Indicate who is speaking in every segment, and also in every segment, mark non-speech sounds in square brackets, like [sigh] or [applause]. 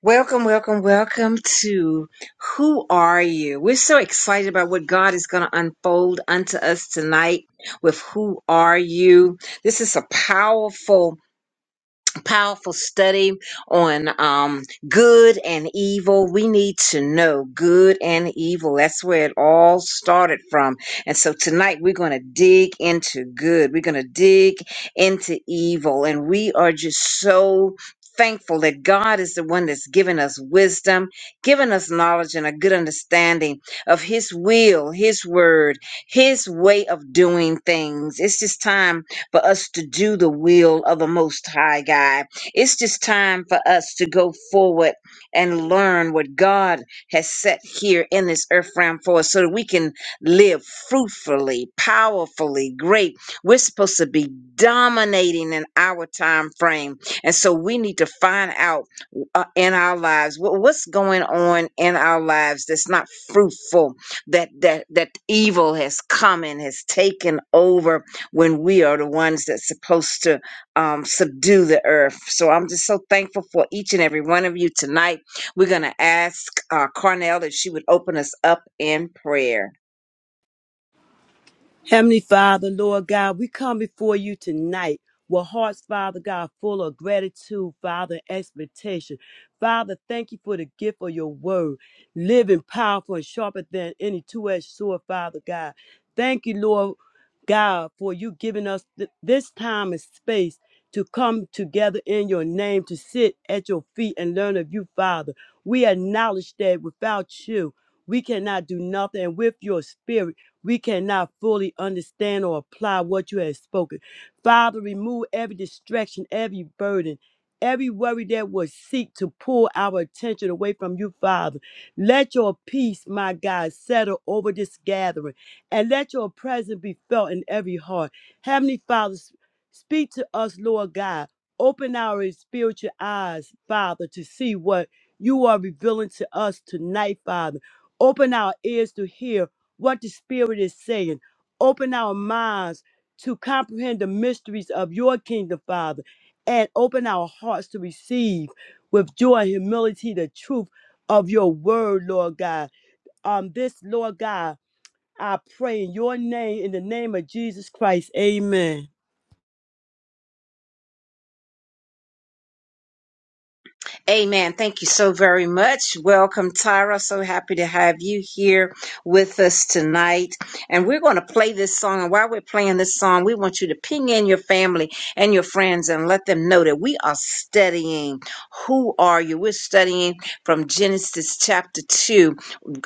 Speaker 1: Welcome, welcome, welcome to Who Are You? We're so excited about what God is going to unfold unto us tonight with Who Are You? This is a powerful powerful study on um, good and evil. We need to know good and evil. That's where it all started from. And so tonight we're going to dig into good. We're going to dig into evil. And we are just so thankful that God is the one that's given us wisdom, given us knowledge and a good understanding of his will, his word, his way of doing things. It's just time for us to do the will of the Most High God. It's just time for us to go forward and learn what God has set here in this earth realm for us so that we can live fruitfully, powerfully, great. We're supposed to be dominating in our time frame. And so we need to find out uh, in our lives what, what's going on in our lives that's not fruitful that that that evil has come and has taken over when we are the ones that's supposed to um, subdue the earth. So I'm just so thankful for each and every one of you tonight. We're going to ask uh, Carnell if she would open us up in prayer.
Speaker 2: Heavenly Father, Lord God, we come before you tonight with hearts, Father God, full of gratitude, Father, and expectation. Father, thank you for the gift of your word, living, powerful, and sharper than any two edged sword, Father God. Thank you, Lord God, for you giving us th- this time and space to come together in your name, to sit at your feet and learn of you, Father. We acknowledge that without you, we cannot do nothing. And with your spirit, we cannot fully understand or apply what you have spoken. Father, remove every distraction, every burden, every worry that would seek to pull our attention away from you, Father. Let your peace, my God, settle over this gathering and let your presence be felt in every heart. Heavenly Father, s- speak to us, Lord God. Open our spiritual eyes, Father, to see what you are revealing to us tonight, Father. Open our ears to hear what the Spirit is saying. Open our minds to comprehend the mysteries of your kingdom, Father, and open our hearts to receive with joy and humility the truth of your word, Lord God. Um, this, Lord God, I pray in your name, in the name of Jesus Christ. Amen.
Speaker 1: Amen. Thank you so very much. Welcome, Tyra. So happy to have you here with us tonight. And we're going to play this song. And while we're playing this song, we want you to ping in your family and your friends and let them know that we are studying. Who are you? We're studying from Genesis chapter 2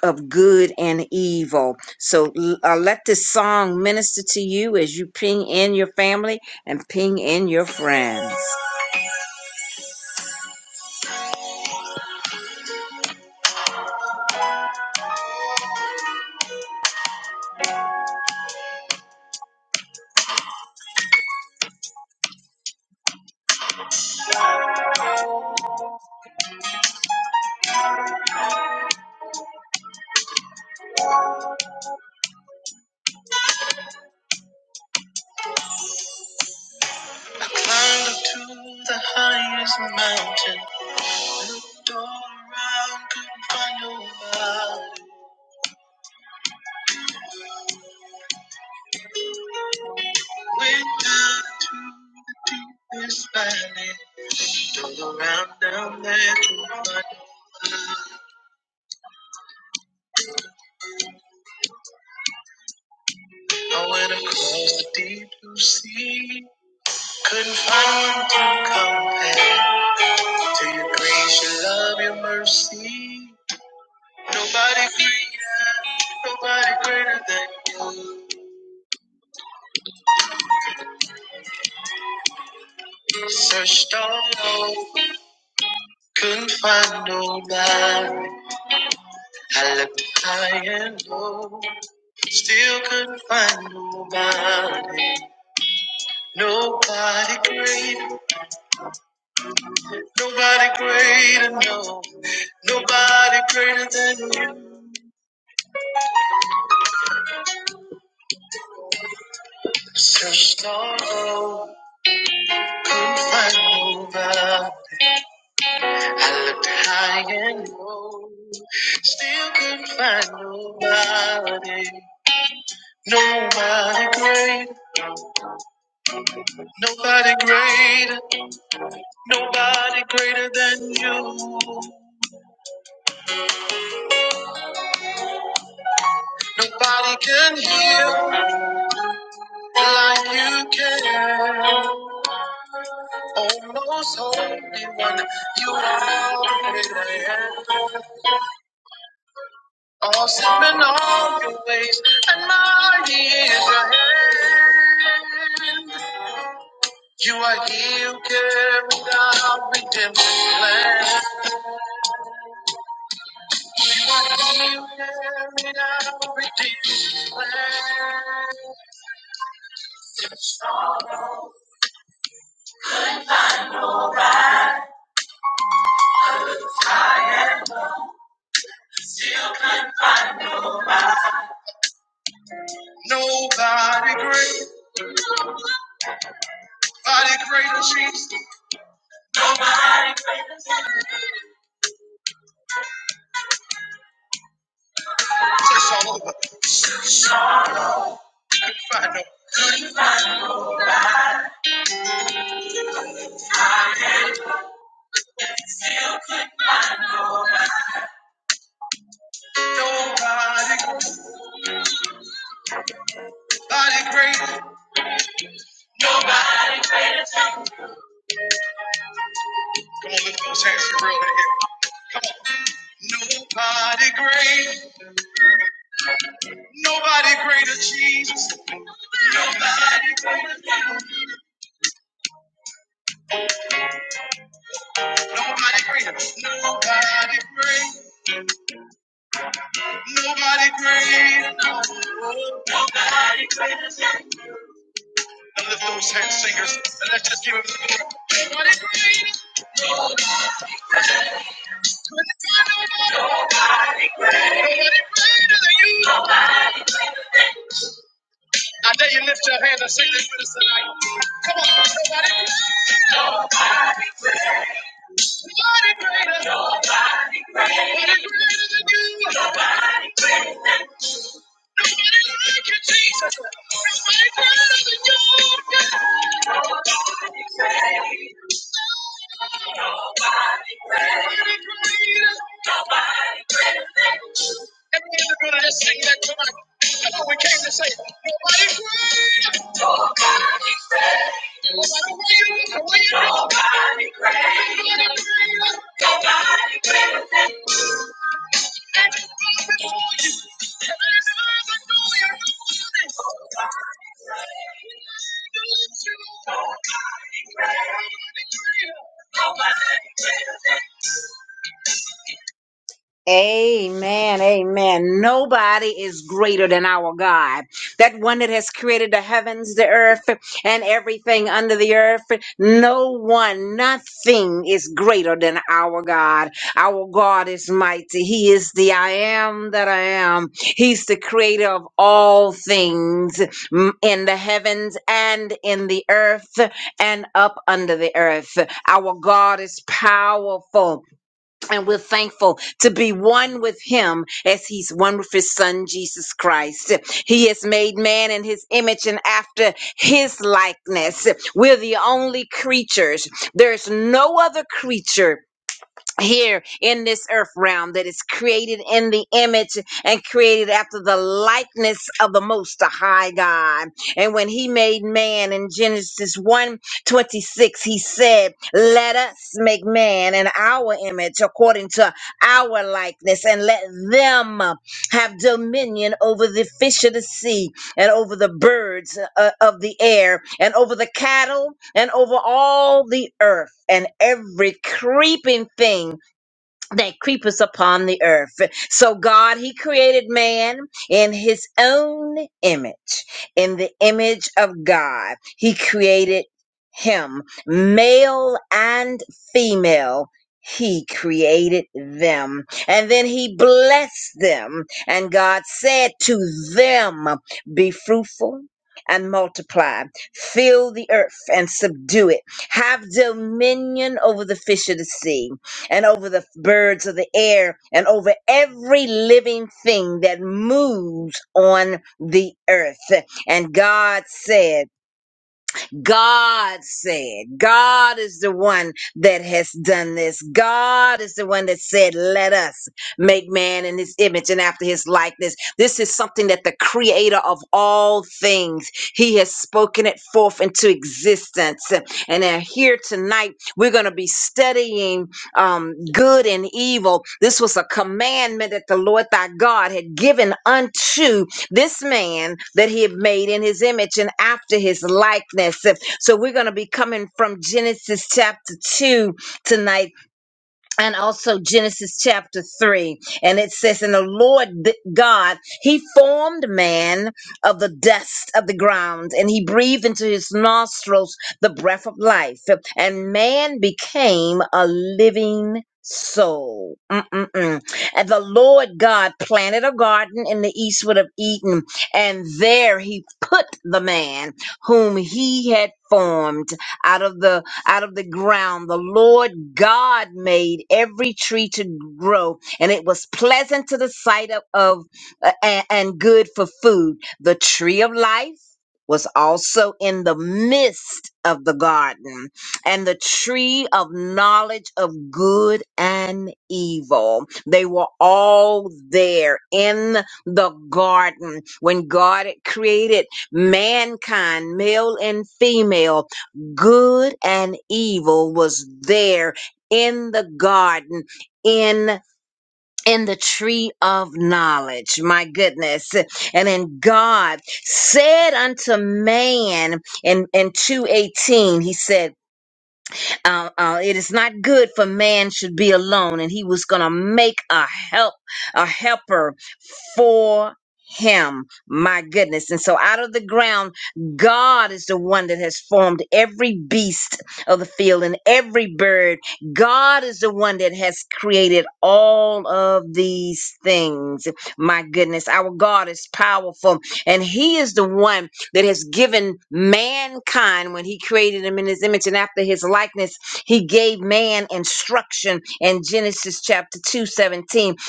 Speaker 1: of good and evil. So uh, let this song minister to you as you ping in your family and ping in your friends. Climbed up to the highest mountain. Looked all around, couldn't find nobody. Went down to this valley. Looked all around down there, couldn't find. I went across the deep blue sea. Couldn't find one to compare to your grace, your love, your mercy. Nobody greater, nobody greater than you. Searched all over. Couldn't find nobody. I looked high and low. Still couldn't find nobody. Nobody great. Nobody greater, no. Nobody greater than you. Searched all over. Couldn't find nobody. I looked high and low. Still couldn't find nobody. Nobody great. Nobody greater. Nobody greater than you. Nobody can heal like you can. Oh, most holy one, you are the great I am. Awesome in all your ways, and mighty is your hand. You are he who carried out redemption's plan. You are he who carried out redemption's plan. Nobody great, body greater Jesus. Church all over. You can find no nobody, body great. Come on, lift those hands real in here. Nobody great, nobody greater Jesus. Nobody greater, nobody great, nobody greater. Now lift those hands, singers, and let's just give him. Nobody greater, nobody greater, nobody greater than you. I dare you lift your hands and sing this with us tonight. Come on, nobody, nobody greater, nobody greater, nobody greater than you. nobody greater. than Nobody greater. Nobody greater. Nobody greater. Thank you. Amen. Amen. Nobody is greater than our God. That one that has created the heavens, the earth, and everything under the earth. No one, nothing is greater than our God. Our God is mighty. He is the I am that I am. He's the creator of all things mm, in the heavens and in the earth and up under the earth. Our God is powerful. And we're thankful to be one with him as he's one with his son, Jesus Christ. He has made man in his image and after his likeness. We're the only creatures. There's no other creature here in this earth realm that is created in the image and created after the likeness of the most high God. And when he made man in Genesis one 26, he said, Let us make man in our image according to our likeness, and let them have dominion over the fish of the sea and over the birds uh, of the air and over the cattle and over all the earth and every creeping thing that creepeth upon the earth. So God, He created man in His own image. In the image of God, He created him. Male and female, He created them. And then He blessed them. And God said to them, Be fruitful. And multiply, fill the earth and subdue it, have dominion over the fish of the sea, and over the birds of the air and over every living thing that moves on the earth. And God said, God said, God is the one that has done this. God is the one that said, let us make man in his image and after his likeness. This is something that the creator of all things, he has spoken it forth into existence. And then here tonight, we're going to be studying um, good and evil. This was a commandment that the Lord thy God had given unto this man that he had made in his image and after his likeness. So we're going to be coming from Genesis chapter 2 tonight and also Genesis chapter 3. And it says, And the Lord th- God, he formed man of the dust of the ground, and he breathed into his nostrils the breath of life, and man became a living soul. Mm-mm-mm. And the Lord God planted a garden in the eastward of Eden, and there he put the man whom he had formed out of the out of the ground. The Lord God made every tree to grow, and it was pleasant to the sight of, of uh, and, and good for food. The tree of life was also in the midst of the garden, and the tree of knowledge of good and evil. They were all there in the garden when God had created mankind, male and female good and evil was there in the garden in in the tree of knowledge my goodness and then god said unto man in in 218 he said uh, uh, it is not good for man should be alone and he was gonna make a help a helper for him my goodness and so out of the ground god is the one that has formed every beast of the field and every bird god is the one that has created all of these things my goodness our god is powerful and he is the one that has given mankind when he created him in his image and after his likeness he gave man instruction in Genesis chapter 2 17.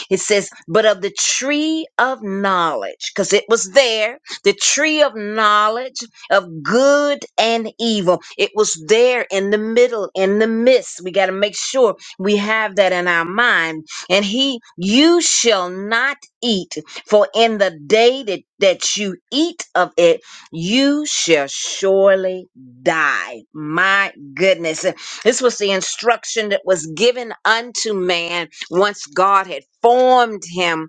Speaker 1: It says, But of the tree of knowledge, because it was there, the tree of knowledge of good and evil. It was there in the middle, in the midst. We got to make sure we have that in our mind. And he, you shall not eat, for in the day that, that you eat of it, you shall surely die. My goodness. This was the instruction that was given unto man once God had formed him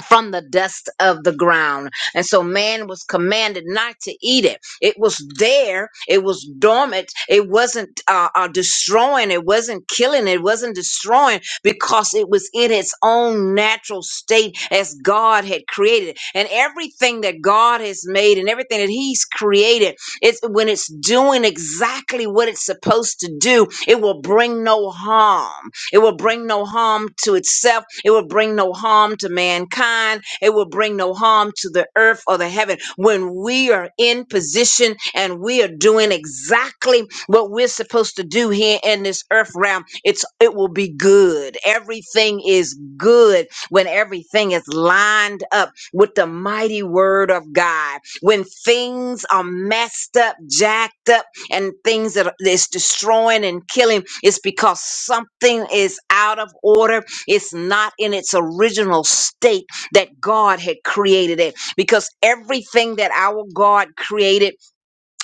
Speaker 1: from the dust of the ground. And so man was commanded not to eat it. It was there, it was dormant, it wasn't uh, uh, destroying, it wasn't killing, it wasn't destroying because it was in its own natural state as God had created. it. And everything that God has made and everything that He's created, it's when it's doing exactly what it's supposed to do, it will bring no harm it will bring no harm to itself. It will bring no harm to mankind. It will bring no harm to the earth or the heaven. When we are in position and we are doing exactly what we're supposed to do here in this earth realm, it's it will be good. Everything is good when everything is lined up with the mighty word of God. When things are messed up, jacked up and things that's destroying and killing it's because something is out of order it's not in its original state that god had created it because everything that our god created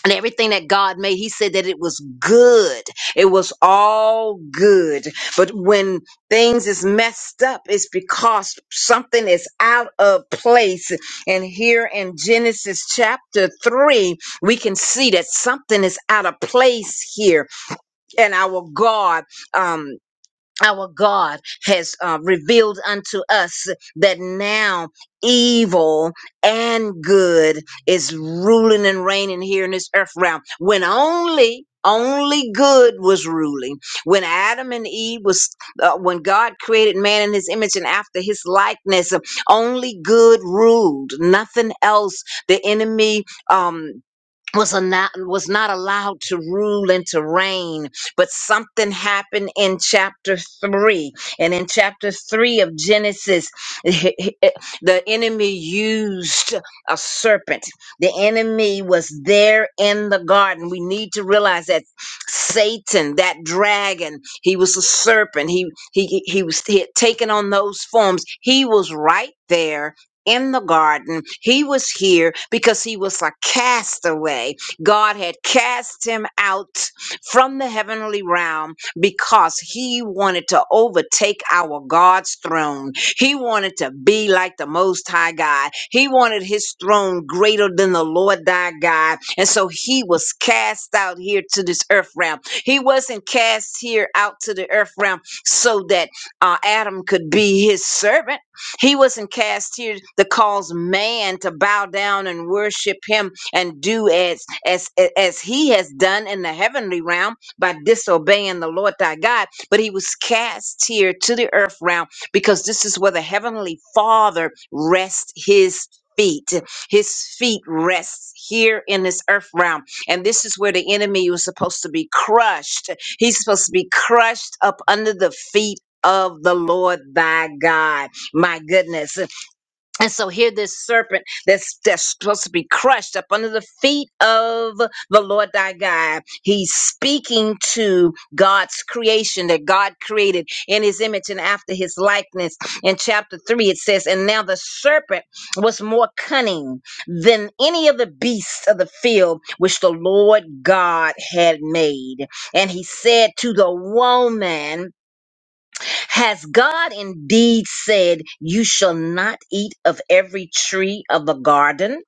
Speaker 1: and everything that God made, He said that it was good. It was all good. But when things is messed up, it's because something is out of place. And here in Genesis chapter three, we can see that something is out of place here. And our God, um, our God has uh, revealed unto us that now evil and good is ruling and reigning here in this earth realm when only only good was ruling when adam and eve was uh, when god created man in his image and after his likeness uh, only good ruled nothing else the enemy um was not was not allowed to rule and to reign but something happened in chapter 3 and in chapter 3 of genesis [laughs] the enemy used a serpent the enemy was there in the garden we need to realize that satan that dragon he was a serpent he he he was he had taken on those forms he was right there in the garden. He was here because he was a castaway. God had cast him out from the heavenly realm because he wanted to overtake our God's throne. He wanted to be like the Most High God. He wanted his throne greater than the Lord thy God. And so he was cast out here to this earth realm. He wasn't cast here out to the earth realm so that uh, Adam could be his servant he wasn't cast here to cause man to bow down and worship him and do as as as he has done in the heavenly realm by disobeying the Lord thy God, but he was cast here to the earth realm because this is where the heavenly Father rests his feet. His feet rests here in this earth realm. And this is where the enemy was supposed to be crushed. He's supposed to be crushed up under the feet of the Lord thy God my goodness. And so here this serpent that's that's supposed to be crushed up under the feet of the Lord thy God. He's speaking to God's creation that God created in his image and after his likeness. In chapter three, it says, And now the serpent was more cunning than any of the beasts of the field which the Lord God had made. And he said to the woman, has God indeed said, You shall not eat of every tree of the garden?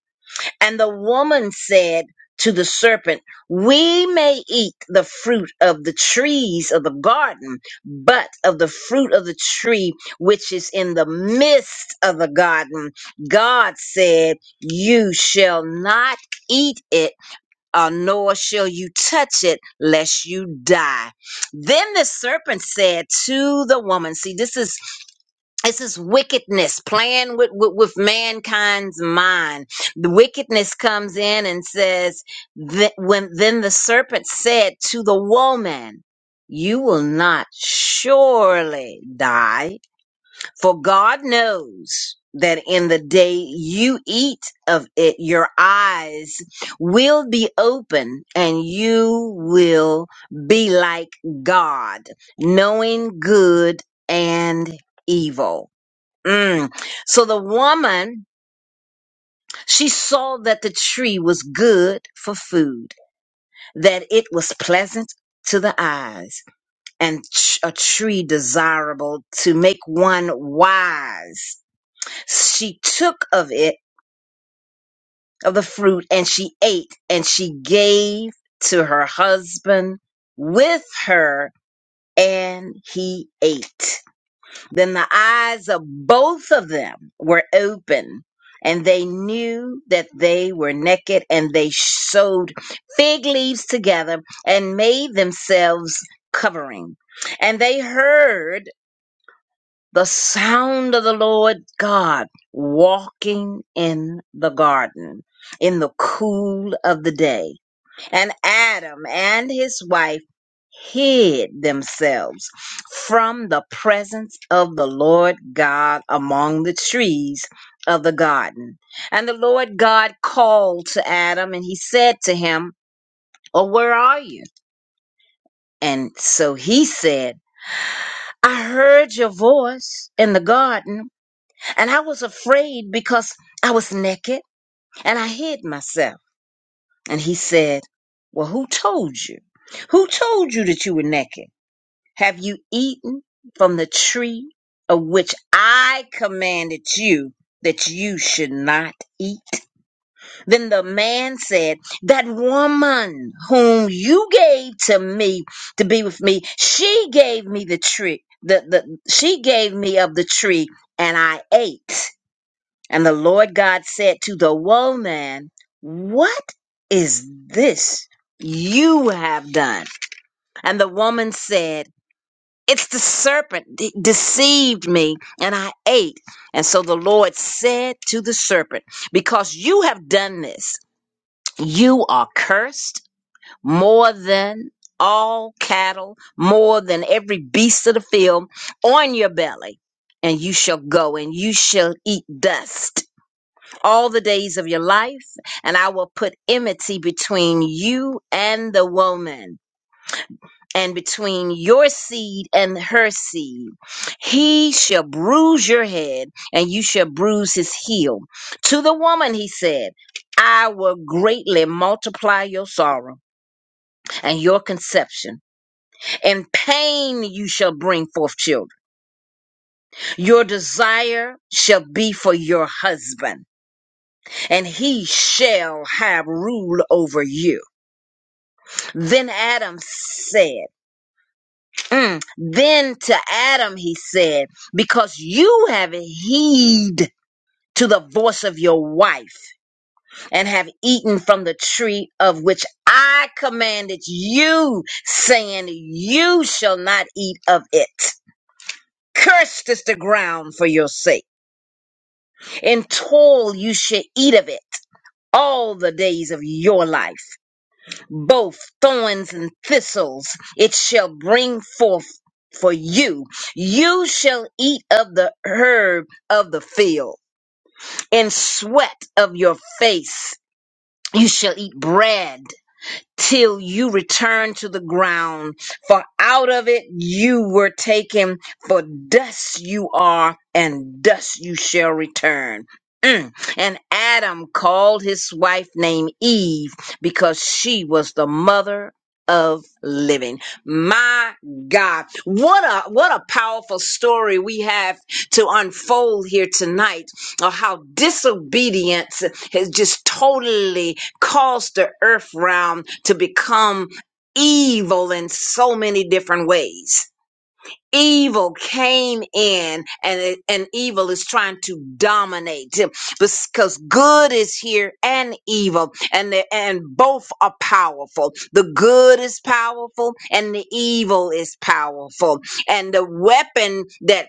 Speaker 1: And the woman said to the serpent, We may eat the fruit of the trees of the garden, but of the fruit of the tree which is in the midst of the garden, God said, You shall not eat it uh, nor shall you touch it lest you die. Then the serpent said to the woman, see, this is this is wickedness playing with, with, with mankind's mind. The wickedness comes in and says that when then the serpent said to the woman, you will not surely die for God knows that in the day you eat of it, your eyes will be open and you will be like God, knowing good and evil. Mm. So the woman, she saw that the tree was good for food, that it was pleasant to the eyes, and ch- a tree desirable to make one wise she took of it, of the fruit, and she ate, and she gave to her husband with her, and he ate. Then the eyes of both of them were open, and they knew that they were naked, and they sewed fig leaves together and made themselves covering. And they heard the sound of the Lord God walking in the garden in the cool of the day. And Adam and his wife hid themselves from the presence of the Lord God among the trees of the garden. And the Lord God called to Adam and he said to him, Oh, where are you? And so he said, I heard your voice in the garden And I was afraid because I was naked and I hid myself. And he said, Well, who told you? Who told you that you were naked? Have you eaten from the tree of which I commanded you that you should not eat? Then the man said, That woman whom you gave to me to be with me, she gave me the tree. The, the she gave me of the tree and I ate. And the Lord God said to the woman, What is this you have done? And the woman said, It's the serpent de- deceived me, and I ate. And so the Lord said to the serpent, Because you have done this, you are cursed more than all cattle, more than every beast of the field on your belly, and you shall go and you shall eat dust all the days of your life, and I will put enmity between you and the woman, and between your seed and her seed. He shall bruise your head, and you shall bruise his heel. To the woman, he said, I will greatly multiply your sorrow and your conception. In pain you shall bring forth children. Your desire shall be for your husband, and he shall have rule over you. Then Adam said, mm, Then to Adam he said, Because you have heed to the voice of your wife and have eaten from the tree of which I commanded you, saying, You shall not eat of it. Cursed is the ground for your sake. In toil you shall eat of it all the days of your life. both thorns and thistles it shall bring forth for you. You shall eat of the herb of the field, and sweat of your face you shall eat bread till you return to the ground. For out of it you were taken, for dust you are, and dust you shall return. Mm. And Adam called his wife name Eve because she was the mother of living. My God, what a what a powerful story we have to unfold here tonight of how disobedience has just totally caused the earth realm to become evil in so many different ways. Evil came in and, and evil is trying to dominate because good is here and evil and the, and both are powerful. The good is powerful and the evil is powerful. And the weapon that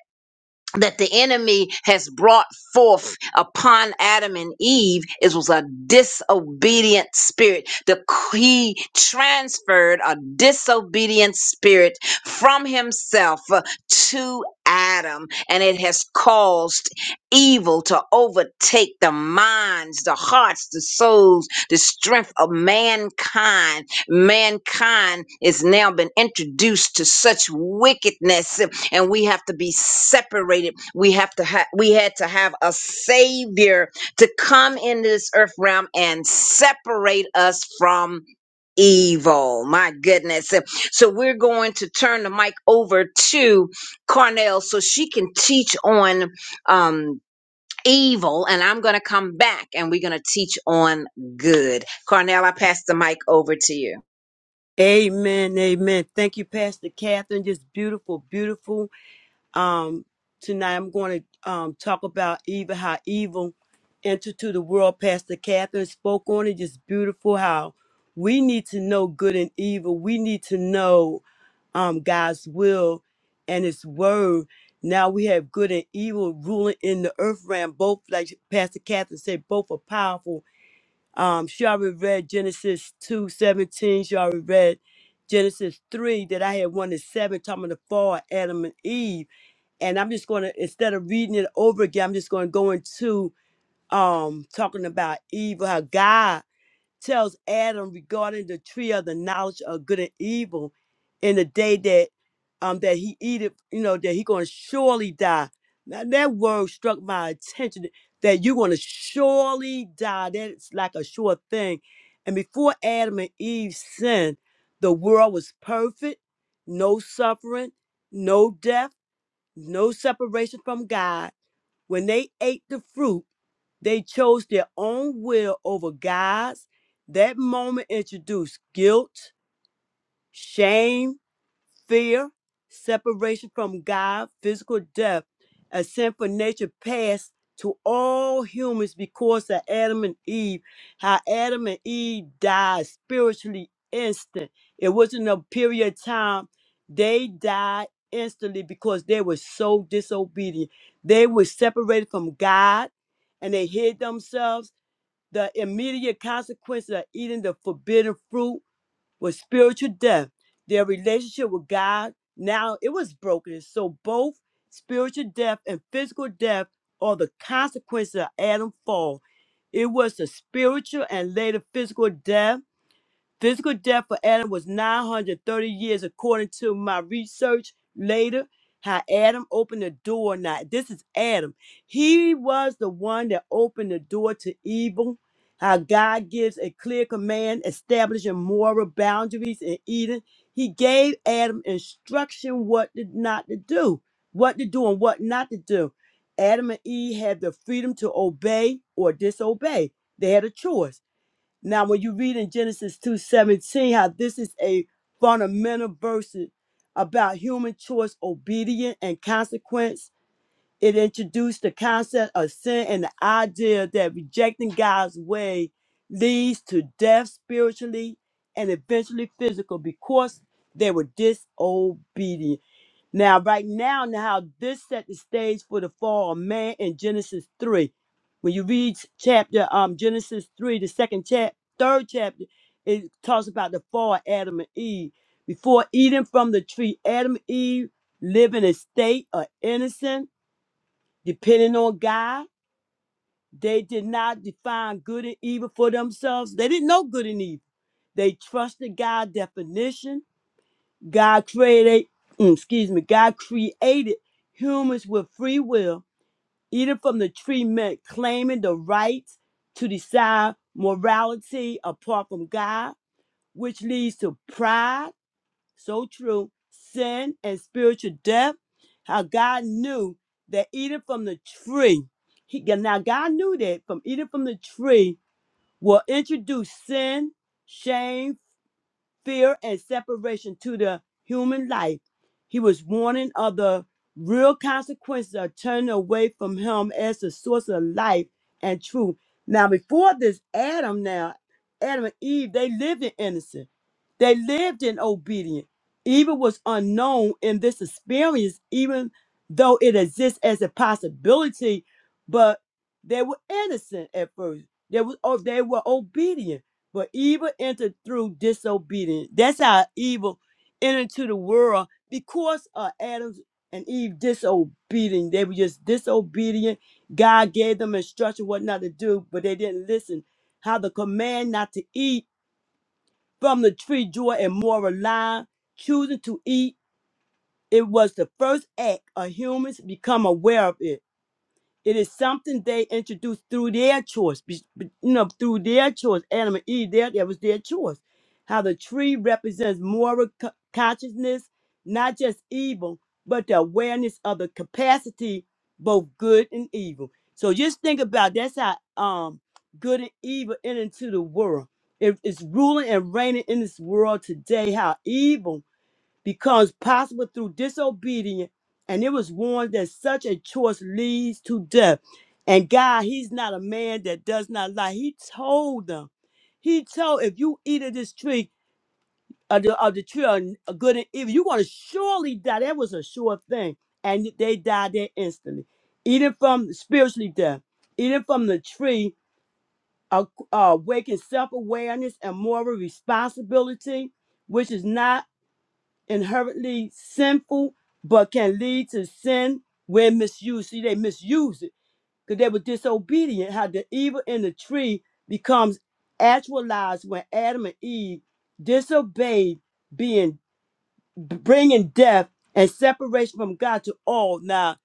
Speaker 1: that the enemy has brought forth upon Adam and Eve it was a disobedient spirit the he transferred a disobedient spirit from himself uh, to Adam and it has caused evil to overtake the minds the hearts the souls the strength of mankind mankind is now been introduced to such wickedness and we have to be separated. We have to ha- we had to have a savior to come into this earth realm and separate us from evil. My goodness. So we're going to turn the mic over to Carnell so she can teach on um evil and I'm going to come back and we're going to teach on good. Carnell, I pass the mic over to you.
Speaker 2: Amen. Amen. Thank you, Pastor Catherine. Just beautiful, beautiful Um, tonight I'm going to um, talk about evil, how evil entered to the world. Pastor Catherine spoke on it. Just beautiful how we need to know good and evil. We need to know um, God's will and His word. Now we have good and evil ruling in the earth realm. Both, like Pastor Catherine said, both are powerful. Um, she already read Genesis two seventeen. She already read Genesis 3 that I had 1 to 7 talking about the fall of Adam and Eve and I'm just going to instead of reading it over again, I'm just going to go into um talking about evil. How God tells Adam regarding the tree of the knowledge of good and evil, in the day that um that he eat it, you know that he going to surely die. Now that word struck my attention that you're going to surely die. That's like a sure thing. And before Adam and Eve sinned, the world was perfect, no suffering, no death no separation from God. When they ate the fruit, they chose their own will over God's. That moment introduced guilt, shame, fear, separation from God, physical death, a sinful nature passed to all humans because of Adam and Eve. How Adam and Eve died spiritually instant. It wasn't a period of time. They died instantly because they were so disobedient. They were separated from God and they hid themselves. The immediate consequence of eating the forbidden fruit with spiritual death. Their relationship with God now it was broken. So both spiritual death and physical death are the consequences of Adam's fall. It was the spiritual and later physical death Physical death for Adam was 930 years, according to my research later. How Adam opened the door. Now, this is Adam. He was the one that opened the door to evil. How God gives a clear command establishing moral boundaries in Eden. He gave Adam instruction what to, not to do, what to do and what not to do. Adam and Eve had the freedom to obey or disobey. They had a choice. Now, when you read in Genesis 2:17, how this is a fundamental verse about human choice, obedience, and consequence, it introduced the concept of sin and the idea that rejecting God's way leads to death spiritually and eventually physical because they were disobedient. Now, right now, now how this set the stage for the fall of man in Genesis 3. When you read chapter um Genesis 3, the second chap third chapter, it talks about the fall of Adam and Eve. Before eating from the tree, Adam and Eve live in a state of innocence, depending on God. They did not define good and evil for themselves. They didn't know good and evil. They trusted God's definition God created, mm, excuse me, God created humans with free will, either from the tree meant claiming the right to decide morality apart from God, which leads to pride, so true, sin, and spiritual death. How God knew that eating from the tree, he, yeah, now God knew that from eating from the tree will introduce sin, shame, fear and separation to the human life. He was warning of the real consequences of turning away from him as the source of life and truth. Now, before this, Adam now, Adam and Eve, they lived in innocence. They lived in obedience. Evil was unknown in this experience, even though it exists as a possibility, but they were innocent at first. They were, oh, they were obedient but evil entered through disobedience. That's how evil entered into the world because of Adam's and Eve disobedient. They were just disobedient. God gave them instruction what not to do, but they didn't listen. How the command not to eat from the tree joy and moral line, choosing to eat, it was the first act of humans become aware of it. It is something they introduced through their choice, be- be- you know, through their choice. Adam and Eve, there, that was their choice. How the tree represents moral co- consciousness, not just evil, but the awareness of the capacity, both good and evil. So just think about that's how um good and evil enter into the world. It- it's ruling and reigning in this world today. How evil becomes possible through disobedience, and it was warned that such a choice leads to death. And God, He's not a man that does not lie. He told them, He told, if you eat of this tree, of the, of the tree of kn- of good and evil, you're going to surely die. That was a sure thing. And they died there instantly. Eating from spiritually death, eating from the tree, uh, uh, waking self awareness and moral responsibility, which is not inherently sinful, but can lead to sin when misused. See, they misuse it because they were disobedient. How the evil in the tree becomes actualized when Adam and Eve disobeyed, being bringing death and separation from God to all. Now,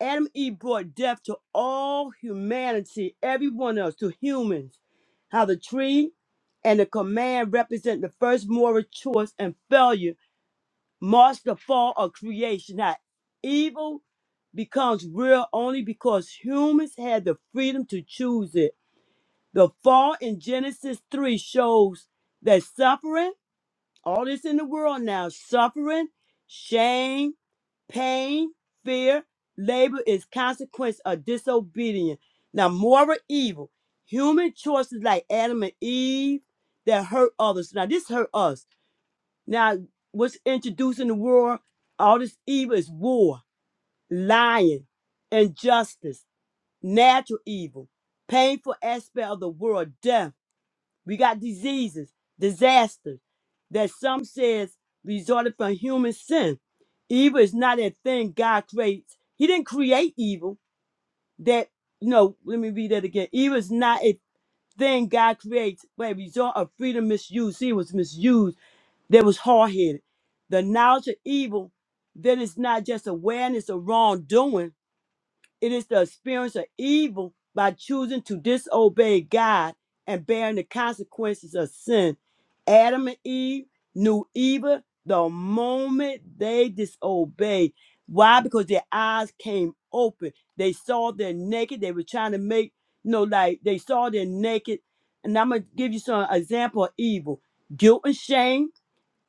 Speaker 2: Adam and Eve brought death to all humanity, everyone else, to humans. How the tree and the command represent the first moral choice and failure marks the fall of creation. Now, evil becomes real only because humans had the freedom to choose it. The fall in Genesis 3 shows that suffering, all this in the world now, suffering, shame, pain, fear, labor is consequence of disobedience. Now, moral evil, human choices like Adam and Eve that hurt others. Now, this hurt us now, what's introduced in the world? All this evil is war, lying, injustice, natural evil, painful aspect of the world, death. We got diseases, disasters that some says resulted from human sin. Evil is not a thing God creates. He didn't create evil. That no, let me read that again. Evil is not a thing God creates, but a result of freedom misuse. See, it was misused that was hard headed. The knowledge of evil, that is not just awareness of wrongdoing, it is the experience of evil by choosing to disobey God and bearing the consequences of sin. Adam and Eve knew evil the moment they disobeyed. Why? Because their eyes came open. They saw they're naked. They were trying to make, you know, like they saw they're naked. And I'm going to give you some example of evil guilt and shame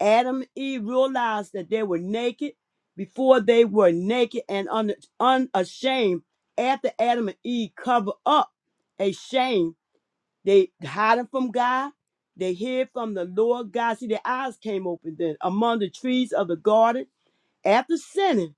Speaker 2: Adam and Eve realized that they were naked before they were naked and un- unashamed. After Adam and Eve cover up a shame, they hiding from God. They hid from the Lord God. See, their eyes came open then among the trees of the garden after sinning.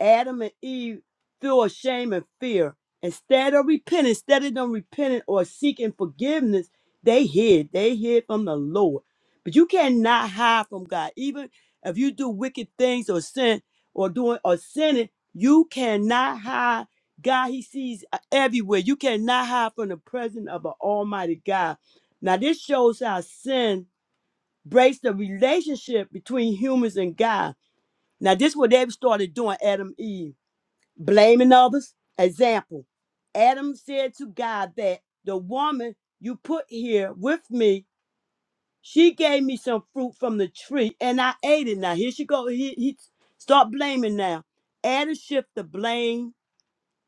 Speaker 2: Adam and Eve feel a shame and fear. Instead of repenting, instead of them repenting or seeking forgiveness, they hid. They hid from the Lord. But you cannot hide from God. Even if you do wicked things or sin or doing or sinning, you cannot hide. God, He sees uh, everywhere. You cannot hide from the presence of an Almighty God. Now, this shows how sin breaks the relationship between humans and God. Now, this is what they started doing, Adam and Eve blaming others. Example Adam said to God that the woman you put here with me, she gave me some fruit from the tree and I ate it. Now, here she go. He, he start blaming now. Adam shift the blame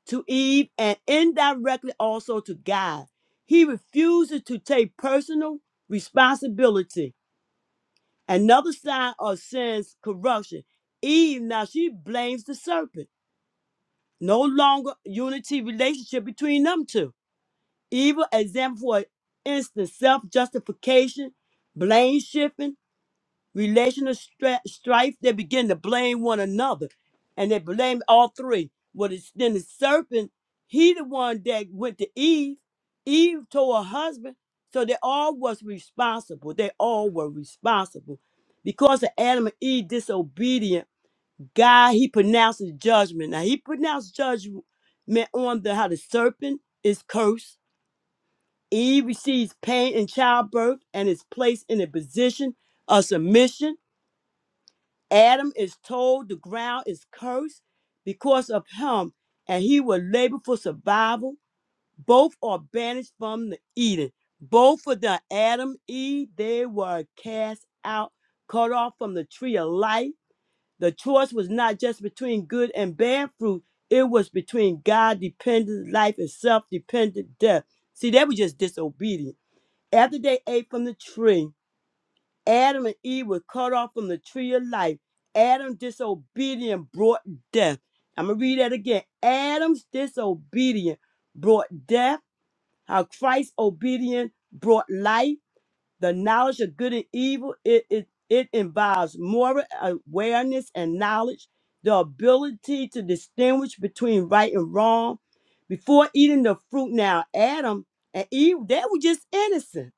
Speaker 2: to Eve and indirectly also to God. He refuses to take personal responsibility. Another sign of sin's corruption. Eve, now she blames the serpent. No longer unity relationship between them two. Evil example for instance, self-justification, blame shifting, relational stra- strife. They begin to blame one another, and they blame all three. Well, it's, then the serpent, he the one that went to Eve. Eve told her husband, so they all was responsible. They all were responsible because of Adam and Eve disobedient God, he pronounces judgment. Now he pronounced judgment on the how the serpent is cursed. Eve receives pain in childbirth and is placed in a position of submission. Adam is told the ground is cursed because of him, and he will labor for survival. Both are banished from the Eden. Both for the Adam, Eve, they were cast out, cut off from the tree of life the choice was not just between good and bad fruit, it was between God dependent life and self dependent death. See, they were just disobedient. After they ate from the tree, Adam and Eve were cut off from the tree of life. Adam's disobedience brought death. I'm going to read that again. Adam's disobedience brought death, how Christ's obedience brought life the knowledge of good and evil, it, it, it involves moral awareness and knowledge, the ability to distinguish between right and wrong. Before eating the fruit, now Adam and Eve, they were just innocent.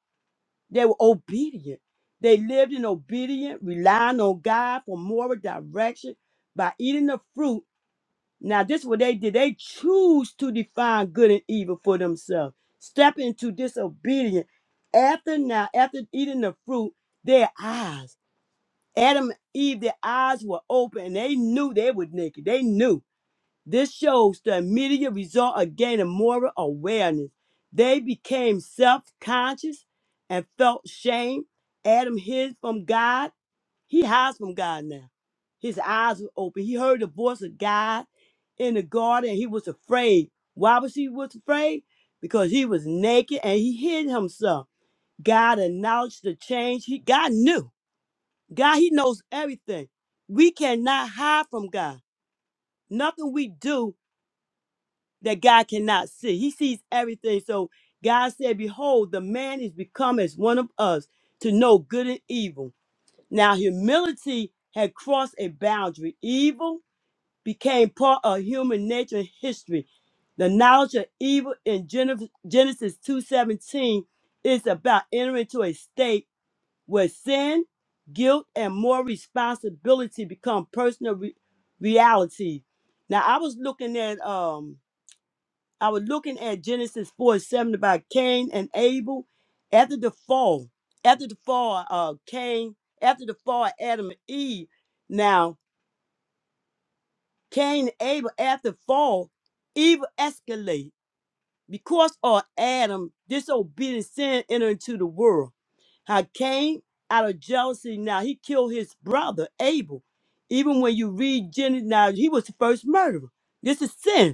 Speaker 2: They were obedient. They lived in obedience, relying on God for moral direction by eating the fruit now, this what they did. They choose to define good and evil for themselves. Step into disobedience. After now, after eating the fruit, their eyes, Adam and Eve, their eyes were open and they knew they were naked. They knew. This shows the immediate result of gaining moral awareness. They became self conscious and felt shame. Adam hid from God he hides from God now. His eyes were open. He heard the voice of God in the garden and he was afraid. Why was he was afraid? Because he was naked and he hid himself. God acknowledged the change. He God knew. God, he knows everything. We cannot hide from God. Nothing we do that God cannot see. He sees everything. So God said, Behold, the man is become as one of us to know good and evil. Now, humility had crossed a boundary. Evil became part of human nature and history. The knowledge of evil in Gen- Genesis 2:17 is about entering into a state where sin, guilt, and more responsibility become personal re- reality. Now, I was looking at um I was looking at Genesis 4 and 7 about Cain and Abel. After the fall, after the fall, uh, Cain, after the fall, Adam and Eve. Now, Cain and Abel, after the fall, evil escalate because of Adam, disobedient sin entered into the world. How Cain, out of jealousy, now he killed his brother Abel. Even when you read Genesis, now he was the first murderer. This is sin.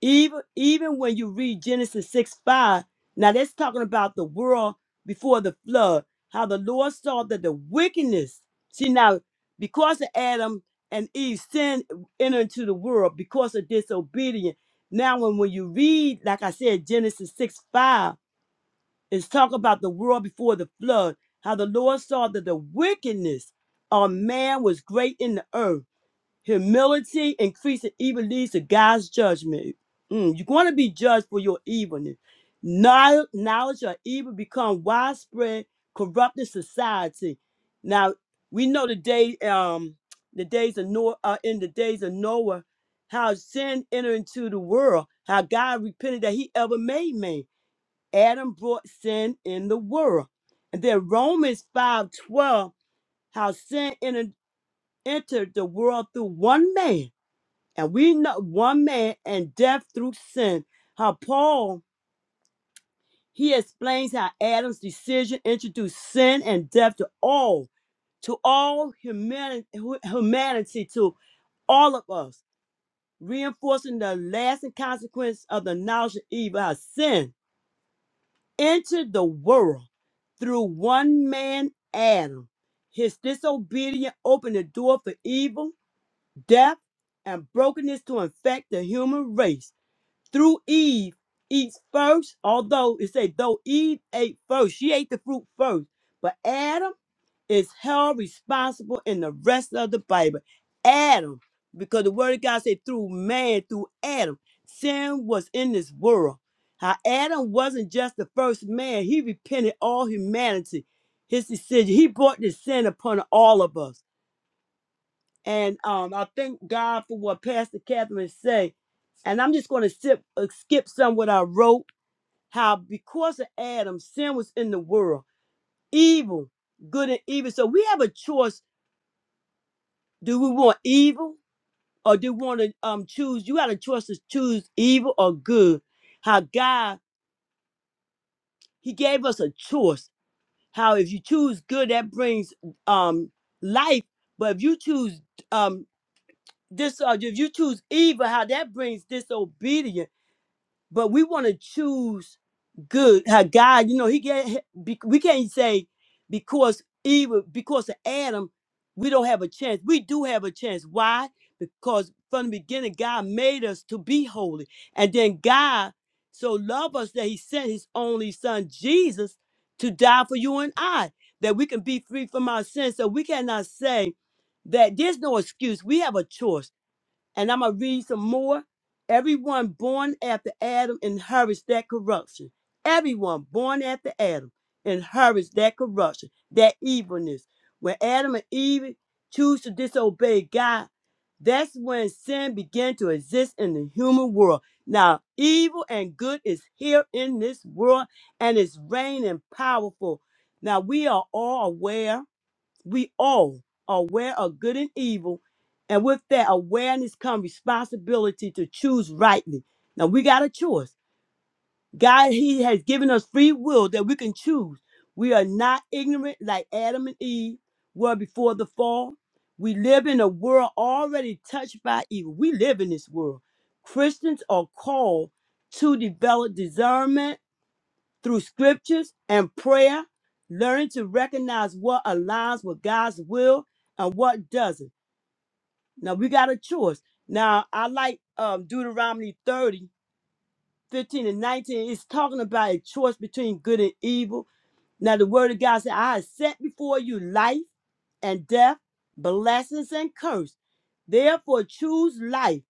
Speaker 2: Even even when you read Genesis 6 5, now that's talking about the world before the flood, how the Lord saw that the wickedness. See now, because of Adam and Eve sin entered into the world because of disobedience. Now when, when you read, like I said, Genesis 6 5, it's talking about the world before the flood, how the Lord saw that the wickedness of man was great in the earth Humility increasing evil leads to God's judgment. Mm, you're going to be judged for your evilness. Knowl- Knowledge of evil become widespread, corrupting society. Now we know the day, um, the days of Noah, uh, in the days of Noah, how sin entered into the world. How God repented that He ever made man. Adam brought sin in the world, and then Romans five twelve, how sin entered entered the world through one man and we know one man and death through sin. How Paul he explains how Adam's decision introduced sin and death to all, to all humanity, humanity to all of us, reinforcing the lasting consequence of the knowledge of evil. How sin entered the world through one man, Adam. His disobedience opened the door for evil, death, and brokenness to infect the human race through Eve eats first, although it say though Eve ate first, she ate the fruit first. But Adam is held responsible in the rest of the Bible. Adam, because the word of God said through man, through Adam, sin was in this world. How Adam wasn't just the first man, he repented all humanity, his decision. He brought this sin upon all of us. And um, I thank God for what Pastor Catherine said. And I'm just going to skip, uh, skip some what I wrote. How because of Adam, sin was in the world, evil, good and evil. So we have a choice. Do we want evil or do we want to um, choose? You had a choice to choose evil or good. How God, He gave us a choice. How if you choose good, that brings um, life. But if you choose um, this, uh, if you choose evil, how that brings disobedience but we want to choose good. How God, you know, He gave. be- We can't say because evil, because of Adam, we don't have a chance. We do have a chance. Why? Because from the beginning, God made us to be holy, and then God so loved us that He sent His only Son Jesus to die for you and I, that we can be free from our sins. So we cannot say that there's no excuse. We have a choice and I'm gonna read some more. Everyone born after Adam inherits that corruption. Everyone born after Adam inherits that corruption, that evilness. When Adam and Eve choose to disobey God, that's when sin began to exist in the human world. Now, evil and good is here in this world and it's reigning powerful. Now, we are all aware we all are aware of good and evil, and with that awareness comes responsibility to choose rightly. Now we got a choice. God, He has given us free will that we can choose. We are not ignorant like Adam and Eve were before the fall. We live in a world already touched by evil. We live in this world. Christians are called to develop discernment through scriptures and prayer, learn to recognize what aligns with God's will and what doesn't. Now we got a choice. Now I like um, Deuteronomy 30:15 and 19. It's talking about a choice between good and evil. Now the word of God said, I have set before you life and death, blessings and curse. Therefore choose life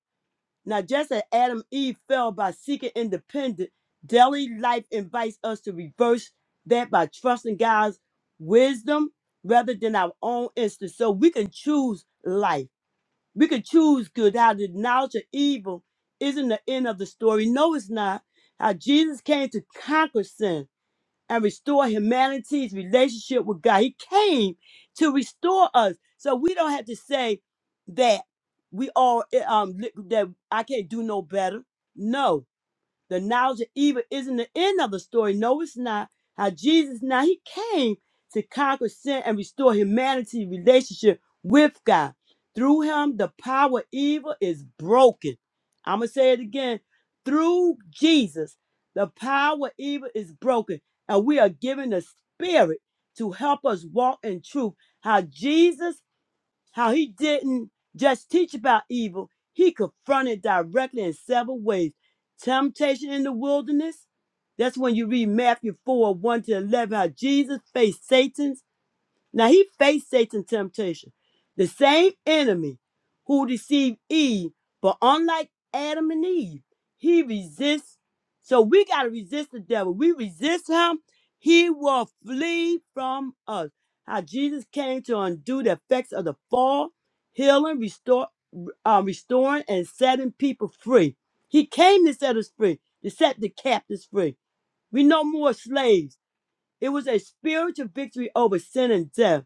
Speaker 2: now, just as Adam and Eve fell by seeking independence, daily life invites us to reverse that by trusting God's wisdom rather than our own instinct. So we can choose life. We can choose good. How the knowledge of evil isn't the end of the story. No, it's not. How Jesus came to conquer sin and restore humanity's relationship with God. He came to restore us. So we don't have to say that we all eh, um li- that I can't do no better. No, the knowledge of evil isn't the end of the story. No, it's not. How Jesus now he came to conquer sin and restore humanity's relationship with God. Through him, the power of evil is broken. I'm gonna say it again. Through Jesus, the power of evil is broken, and we are given the spirit to help us walk in truth. How Jesus how he didn't just teach about evil, he confronted directly in several ways. Temptation in the wilderness, that's when you read Matthew 4 1 to 11, how Jesus faced Satan now he faced Satan's temptation, the same enemy who deceived Eve, but unlike Adam and Eve, he resists. So we got to resist the devil. We resist him, he will flee from us. How Jesus came to undo the effects of the fall, healing, restore, uh, restoring, and setting people free. He came to set us free, to set the captives free. We no more slaves. It was a spiritual victory over sin and death.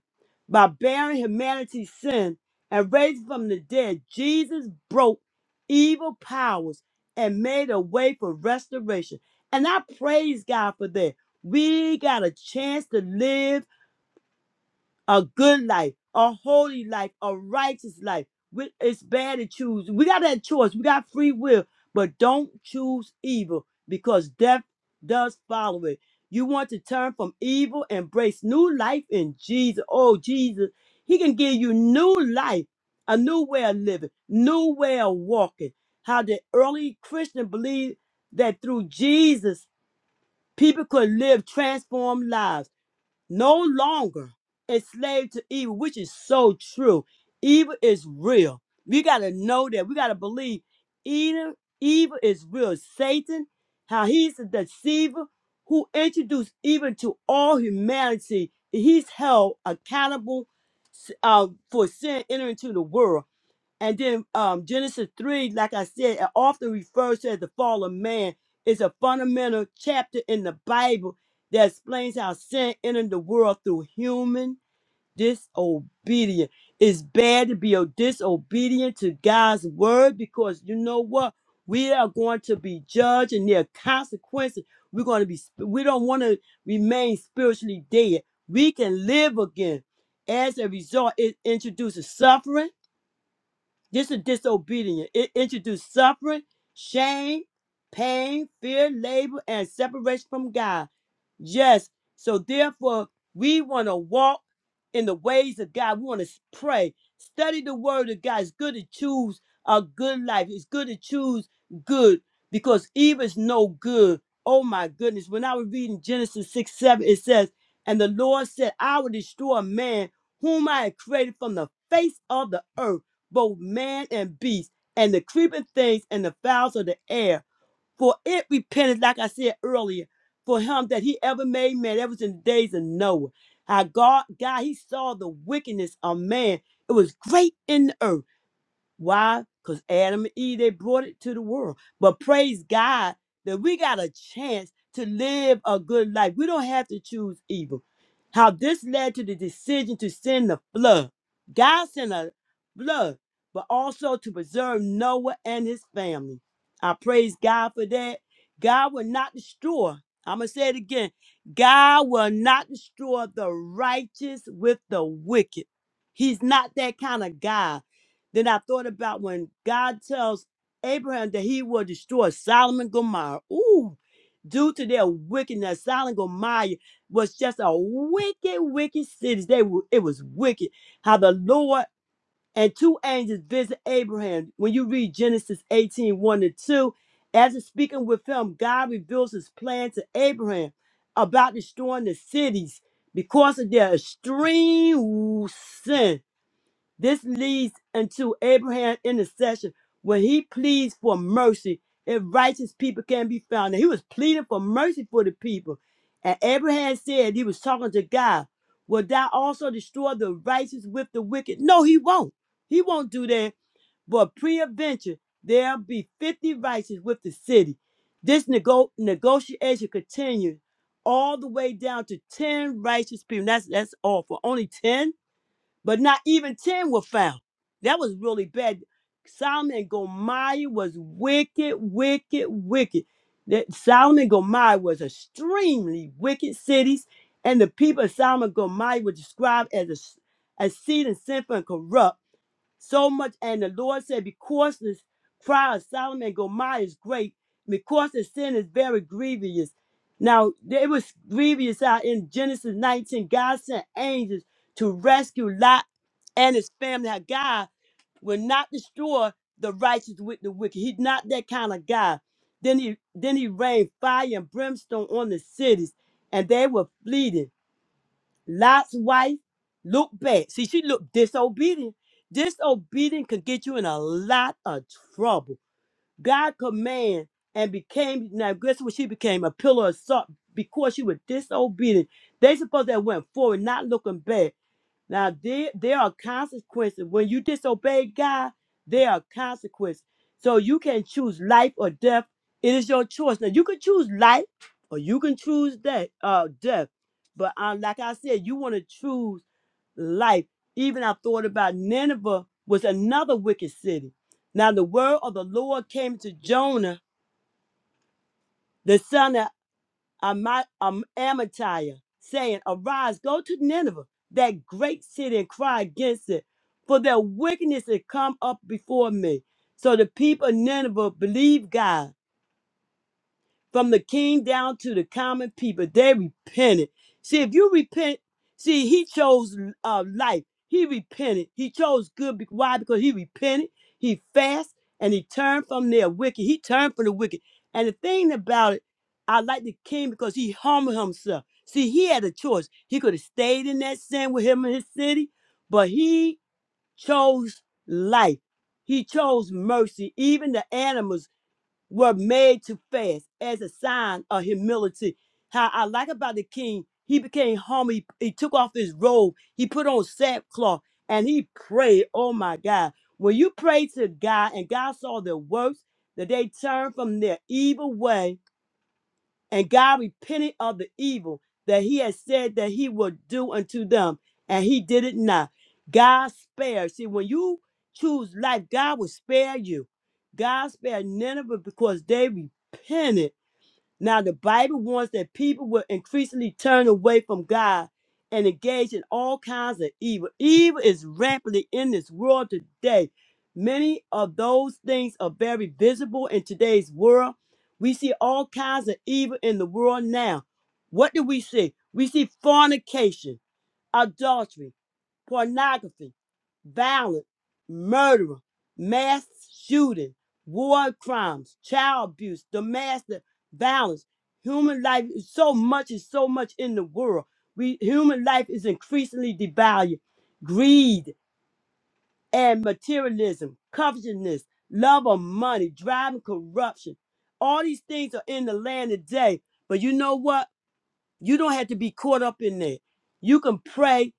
Speaker 2: By bearing humanity's sin and raising from the dead, Jesus broke evil powers and made a way for restoration. And I praise God for that. We got a chance to live a good life, a holy life, a righteous life. We- It's bad to choose. We got that choice. We got free will, but don't choose evil because death does follow it. You want to turn from evil, embrace new life in Jesus. Oh, Jesus, He can give you new life, a new way of living, new way of walking. How the early Christian believed that through Jesus, people could live transformed lives no longer enslaved to evil, which is so true. Evil is real. We got to know that. We got to believe either evil is real. Satan, how he's the deceiver who introduced evil to all humanity. He's held accountable uh, for sin entering into the world. And then um, Genesis 3, like I said, it often refers to as the fall of man, is a fundamental chapter in the Bible that explains how sin entered the world through human disobedience. It's bad to be o- disobedient to God's word because you know what? We are going to be judged and there are consequences. We're going to be, sp- we don't want to remain spiritually dead. We can live again. As a result, it introduces suffering this is disobedient. It introduced suffering, shame, pain, fear, labor, and separation from God. Yes. So therefore, we want to walk in the ways of God. We want to pray, study the word of God. It's good to choose a good life. It's good to choose good because evil is no good. Oh my goodness. When I was reading Genesis 6 7, it says, And the Lord said, I will destroy man whom I had created from the face of the earth both man and beast, and the creeping things and the fowls of the air. For it repented, like I said earlier, for him that he ever made man, that was in the days of Noah. How God, God, he saw the wickedness of man. It was great in the earth why? Because Adam and Eve, they brought it to the world. But praise God that we got a chance to live a good life. We don't have to choose evil. How this led to the decision to send the flood. God sent a flood, but also to preserve Noah and his family. I praise God for that. God will not destroy. I'm going to say it again. God will not destroy the righteous with the wicked. He's not that kind of God. Then I thought about when God tells Abraham that he will destroy Solomon and Gomorrah. Ooh, due to their wickedness, Solomon and Gomorrah was just a wicked, wicked city. They were, it was wicked. How the Lord and two angels visit Abraham. When you read Genesis eighteen one to 2, as it's speaking with him, God reveals his plan to Abraham about destroying the cities because of their extreme sin this leads into Abraham's intercession when he pleads for mercy. If righteous people can be found, and he was pleading for mercy for the people. And Abraham said he was talking to God, Will thou also destroy the righteous with the wicked? No, he won't. He won't do that. But pre-adventure, there'll be 50 righteous with the city. This nego- negotiation continues all the way down to 10 righteous people. That's that's all for only 10 but not even 10 were found. That was really bad. Solomon and Gomorrah was wicked, wicked, wicked. That Solomon and Gomorrah was extremely wicked cities, and the people of Solomon and Gomorrah were described as a, as seed and sinful and corrupt so much, and the Lord said, Because this cry of Solomon and Gomorrah is great, because the sin is very grievous. Now, it was grievous out in Genesis 19. God sent angels to rescue Lot and his family. How God will not destroy the righteous with the wicked. He's not that kind of God. Then he then he rained fire and brimstone on the cities, and they were fleeting. Lot's wife looked bad. See, she looked disobedient. Disobedient can get you in a lot of trouble. God command and became now guess what she became? A pillar of salt because she was disobedient. They supposed to have went forward, not looking back. Now there there are consequences. When you disobey God, there are consequences. So you can choose life or death. It is your choice. Now you can choose life or you can choose that uh death. But um, like I said, you want to choose life. Even I thought about Nineveh was another wicked city. Now the word of the Lord came to Jonah, the son of Ami- um, Amittai, saying, Arise, go to Nineveh, that great city, and cry against it, for their wickedness has come up before me. So the people of Nineveh believed God from the king down to the common people. They repented. See, if you repent, see, he chose uh, life. He repented. He chose good. Be- Why? Because he repented. He fasted and he turned from their wicked. He turned from the wicked. And the thing about it, I like the king because he humbled himself. See, he had a choice. He could have stayed in that sin with him in his city, but he chose life. He chose mercy. Even the animals were made to fast as a sign of humility. How I like about the king, he became humble. He, he took off his robe, he put on sackcloth, and he prayed. Oh my God. When you pray to God and God saw their works, that they turned from their evil way and God repented of the evil that he had said that he would do unto them, and he did it not. God spared. See, when you choose life, God will spare you. God spared Nineveh because they repented now, the Bible warns that people will increasingly turn away from God and engage in all kinds of evil. Evil is rampantly in this world today. Many of those things are very visible in today's world. We see all kinds of evil in the world now. What do we see? We see fornication, adultery, pornography, violence, murder, mass shooting, war crimes, child abuse, domestic violence, human life. is So much is so much in the world. We human life is increasingly devalued. Greed and materialism, covetousness, love of money, driving corruption. All these things are in the land today. But you know what? You don't have to be caught up in that. You can pray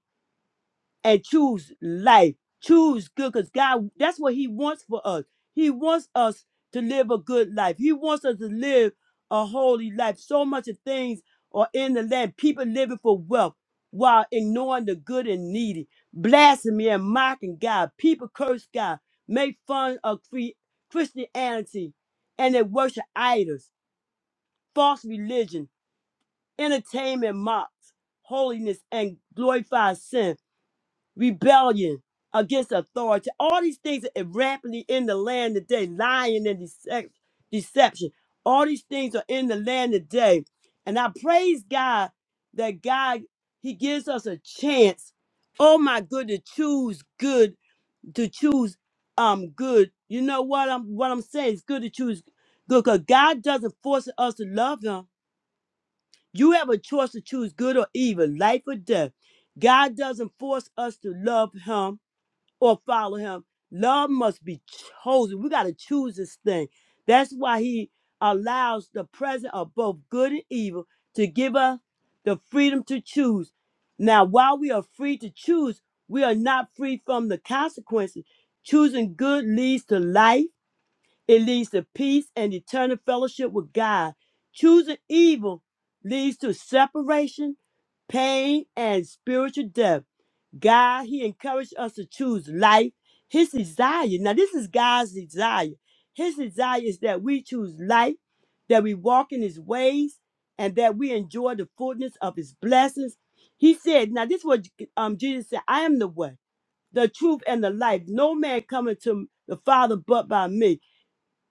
Speaker 2: and choose life. Choose good because God, that's what He wants for us. He wants us to live a good life. He wants us to live a holy life. So much of things are in the land. People living for wealth while ignoring the good and needy, blasphemy and mocking God. People curse God, make fun of cre- Christianity, and they worship idols, false religion, entertainment mocks holiness, and glorifies sin rebellion against authority. All these things are rapidly in the land today, lying and decep- deception. All these things are in the land today. And I praise God that God, He gives us a chance. Oh my good, to choose good, to choose um good. You know what I'm what I'm saying? It's good to choose good because God doesn't force us to love Him. You have a choice to choose good or evil, life or death. God doesn't force us to love Him or follow him. Love must be chosen. We got to choose this thing. That's why he allows the present of both good and evil to give us the freedom to choose. Now, while we are free to choose, we are not free from the consequences. Choosing good leads to life it leads to peace and eternal fellowship with God. Choosing evil leads to separation, pain, and spiritual death. God, He encouraged us to choose life. His desire, now this is God's desire. His desire is that we choose life, that we walk in His ways, and that we enjoy the fullness of His blessings. He said, now this is what um, Jesus said, I am the way, the truth, and the life. No man cometh to the Father but by me.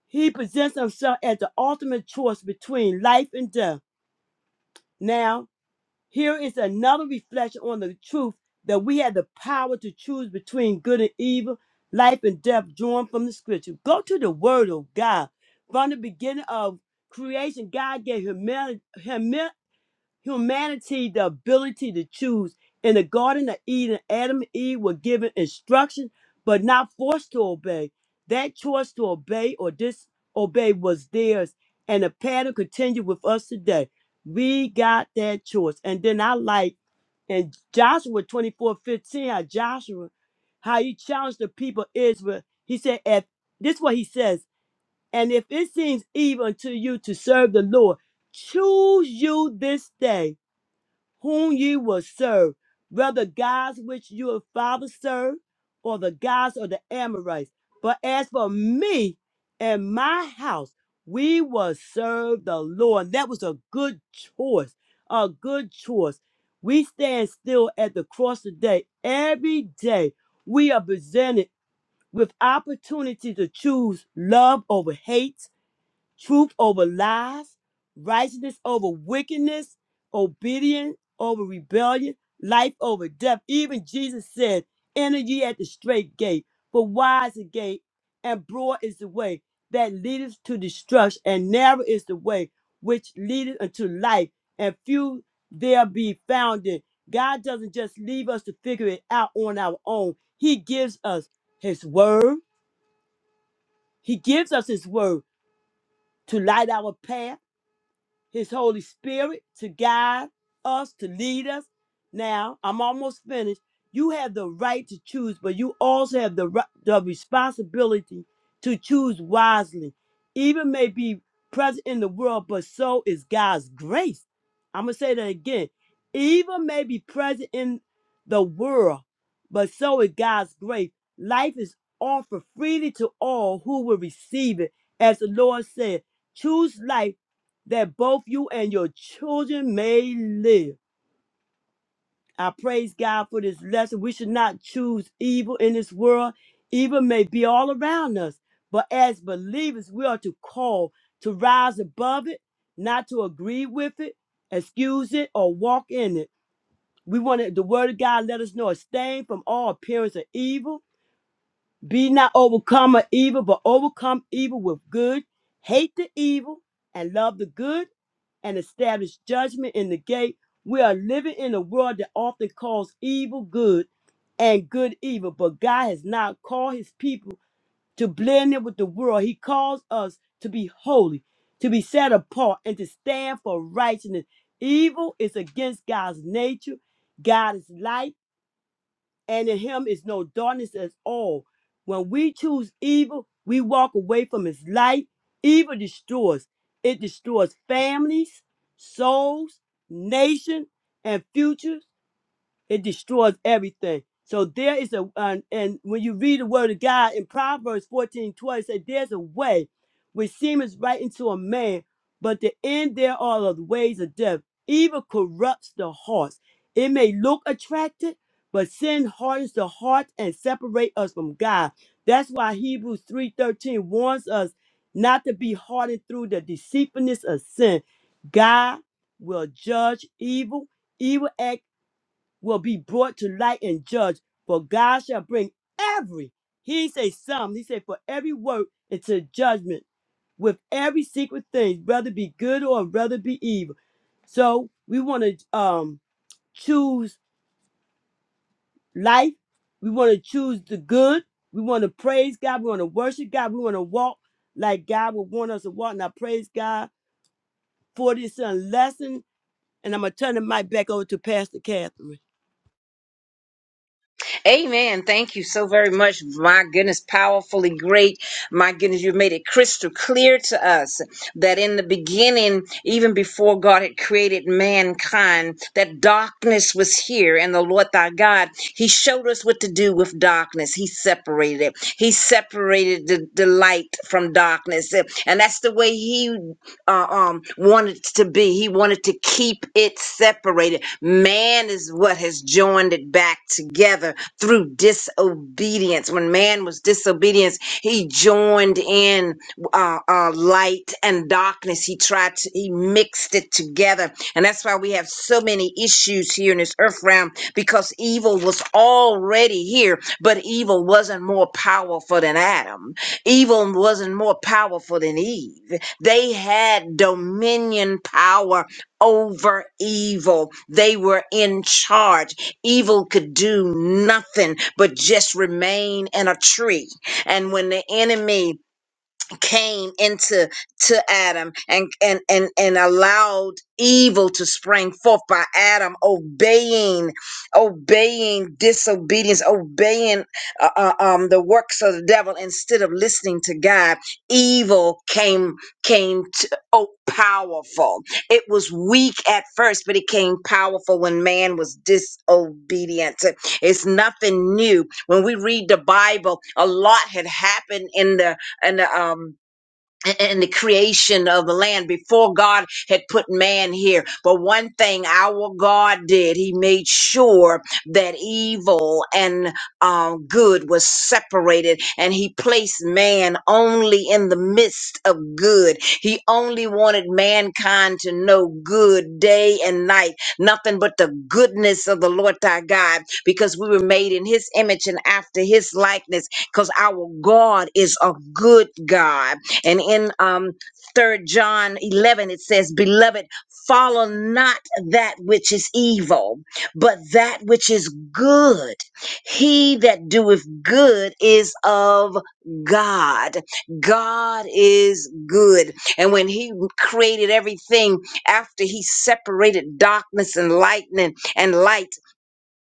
Speaker 2: He presents himself as the ultimate choice between life and death. Now, here is another reflection on the truth that we have the power to choose between good and evil, life and death, drawn from the scripture. Go to the word of God. From the beginning of creation, God gave humani- humi- humanity, humanity the ability to choose. In the Garden of Eden, Adam and Eve were given instruction, but not forced to obey. That choice to obey or disobey was theirs, and the pattern continued with us today. We got that choice. And then I like in Joshua 24 15, how Joshua, how he challenged the people of Israel. He said, if, This is what he says, and if it seems evil unto you to serve the Lord, choose you this day whom ye will serve, whether gods which your father served, or the gods of the Amorites. But as for me and my house, we will serve the Lord. That was a good choice. A good choice. We stand still at the cross today. Every day we are presented with opportunity to choose love over hate truth over lies, righteousness over wickedness, obedience over rebellion, life over death. Even Jesus said, Enter ye at the straight gate, for wide is the gate, and broad is the way that leadeth to destruction, and narrow is the way which leadeth unto life, and few there be found in. God doesn't just leave us to figure it out on our own. He gives us His Word. He gives us His Word to light our path his Holy Spirit to guide us, to lead us. Now, I'm almost finished. You have the right to choose, but you also have the, ri- the responsibility to choose wisely. Evil may be present in the world, but so is God's grace. I'm going to say that again. Evil may be present in the world, but so is God's grace. Life is offered freely to all who will receive it. As the Lord said, choose life that both you and your children may live. I praise God for this lesson. We should not choose evil in this world. Evil may be all around us, but as believers, we are to call to rise above it, not to agree with it, excuse it, or walk in it. We want it- the word of God let us know abstain from all appearance of evil be not overcome of evil, but overcome evil with good. Hate the evil and love the good and establish judgment in the gate. We are living in a world that often calls evil good and good evil, but God has not called his people to blend in with the world. He calls us to be holy, to be set apart, and to stand for righteousness. Evil is against God's nature. God is light and in him is no darkness at all. When we choose evil, we walk away from his light. Evil destroys. It destroys families, souls, nation, and futures it destroys everything. So there is a and, and when you read the word of God in Proverbs fourteen twenty, it said there's a way which seemeth right into a man, but the end there are of the ways of death. Evil corrupts the hearts. It may look attractive, but sin hardens the heart and separate us from God. That's why Hebrews 3:13 warns us not to be hardened through the deceitfulness of sin. God will judge evil Evil will be brought to light and judged, for God shall bring every, he say some, he said, for every work into judgment with every secret thing, whether it be good or whether it be evil. So we want to um choose life, we want to choose the good, we want to praise God, we want to worship God, we want to walk like God would want us to walk. And I praise God for this uh, lesson. And I'm gonna turn the mic back over to Pastor Catherine.
Speaker 1: Amen. Thank you so very much. My goodness, powerfully great. My goodness, you've made it crystal clear to us that in the beginning, even before God had created mankind, that darkness was here. And the Lord thy God, He showed us what to do with darkness. He separated it. He separated the, the light from darkness. And that's the way He uh, um, wanted it to be. He wanted to keep it separated. Man is what has joined it back together through disobedience. When man was disobedient, he joined in uh, uh, light and darkness. He tried to, he mixed it together. And that's why we have so many issues here in this earth realm because evil was already here, but evil wasn't more powerful than Adam. Evil wasn't more powerful than Eve. They had dominion power over evil. They were in charge. Evil could do nothing but just remain in a tree. And when the enemy came into to Adam and and and and allowed evil to spring forth by Adam obeying obeying disobedience obeying uh, uh, um the works of the devil instead of listening to God evil came came to, oh powerful it was weak at first but it came powerful when man was disobedient it's nothing new when we read the Bible a lot had happened in the and um a- and the creation of the land before God had put man here. But one thing our God did, he made sure that evil and um, good was separated, and he placed man only in the midst of good. He only wanted mankind to know good day and night, nothing but the goodness of the Lord thy God, because we were made in his image and after his likeness, because our God is a good God and in um third John 11 it says, "Beloved, follow not that which is evil, but that which is good. He that doeth good is of God. God is good." And when he created everything after he separated darkness and lightning and light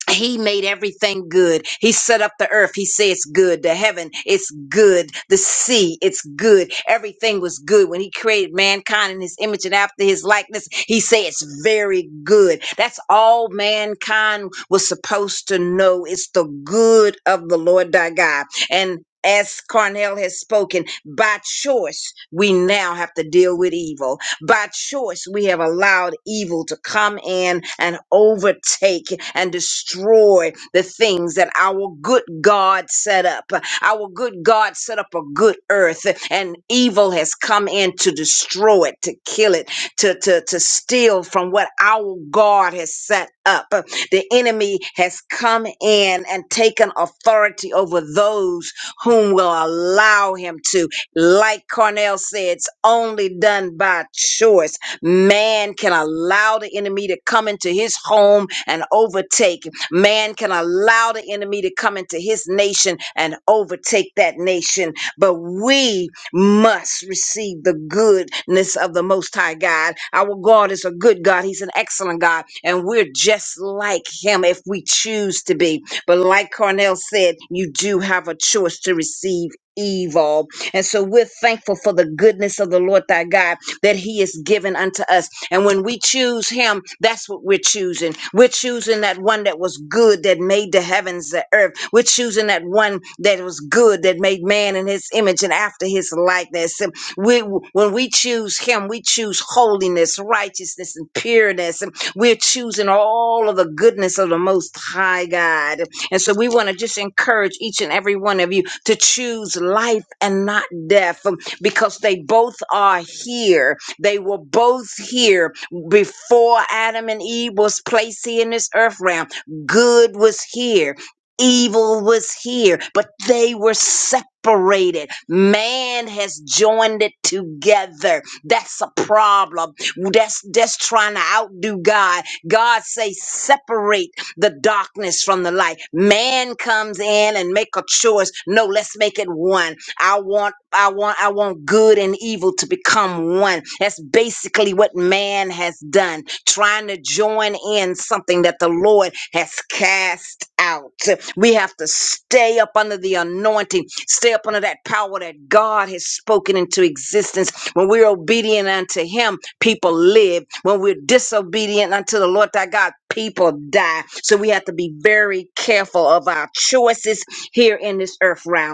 Speaker 1: he made everything good. He set up the earth. He said it's good. The heaven, it's good. The sea, it's good. Everything was good. When he created mankind in his image and after his likeness, he said it's very good. That's all mankind was supposed to know. It's the good of the Lord thy God. And as Carnell has spoken, by choice, we now have to deal with evil by choice, we have allowed evil to come in and overtake and destroy the things that our good God set up. Our good God set up a good earth, and evil has come in to destroy it, to kill it, to, to, to steal from what our God has set up. The enemy has come in and taken authority over those whom will allow him to. Like Cornell said, it's only done by choice. Man can allow the enemy to come into his home and overtake. Man can allow the enemy to come into his nation and overtake that nation. But we must receive the goodness of the Most High God. Our God is a good God. He's an excellent God. And we're just like Him if we choose to be. But like Cornell said, you do have a choice to receive evil and so we're thankful for the goodness of the Lord thy God that he is given unto us. And when we choose him, that's what we're choosing. We're choosing that one that was good, that made the heavens, the earth. We're choosing that one that was good, that made man in his image and after his likeness. And We, when we choose him, we choose holiness, righteousness, and pureness. And we're choosing all of the goodness of the most high God. And so we want to just encourage each and every one of you to choose life and not death um, because they both are here. They were both here before Adam and Eve was placed here in this earth realm. Good was here. Evil was here, but they were separated. Man has joined it together. That's a problem. That's that's trying to outdo God. God say separate the darkness from the light. Man comes in and make a choice. No, let's make it one. I want, I want, I want good and evil to become one. That's basically what man has done, trying to join in something that the Lord has cast out. We have to stay up under the anointing, stay up under that power that God has spoken into existence. When we're obedient unto Him, people live. When we're disobedient unto the Lord thy God, people die. So we have to be very careful of our choices here in this earth realm.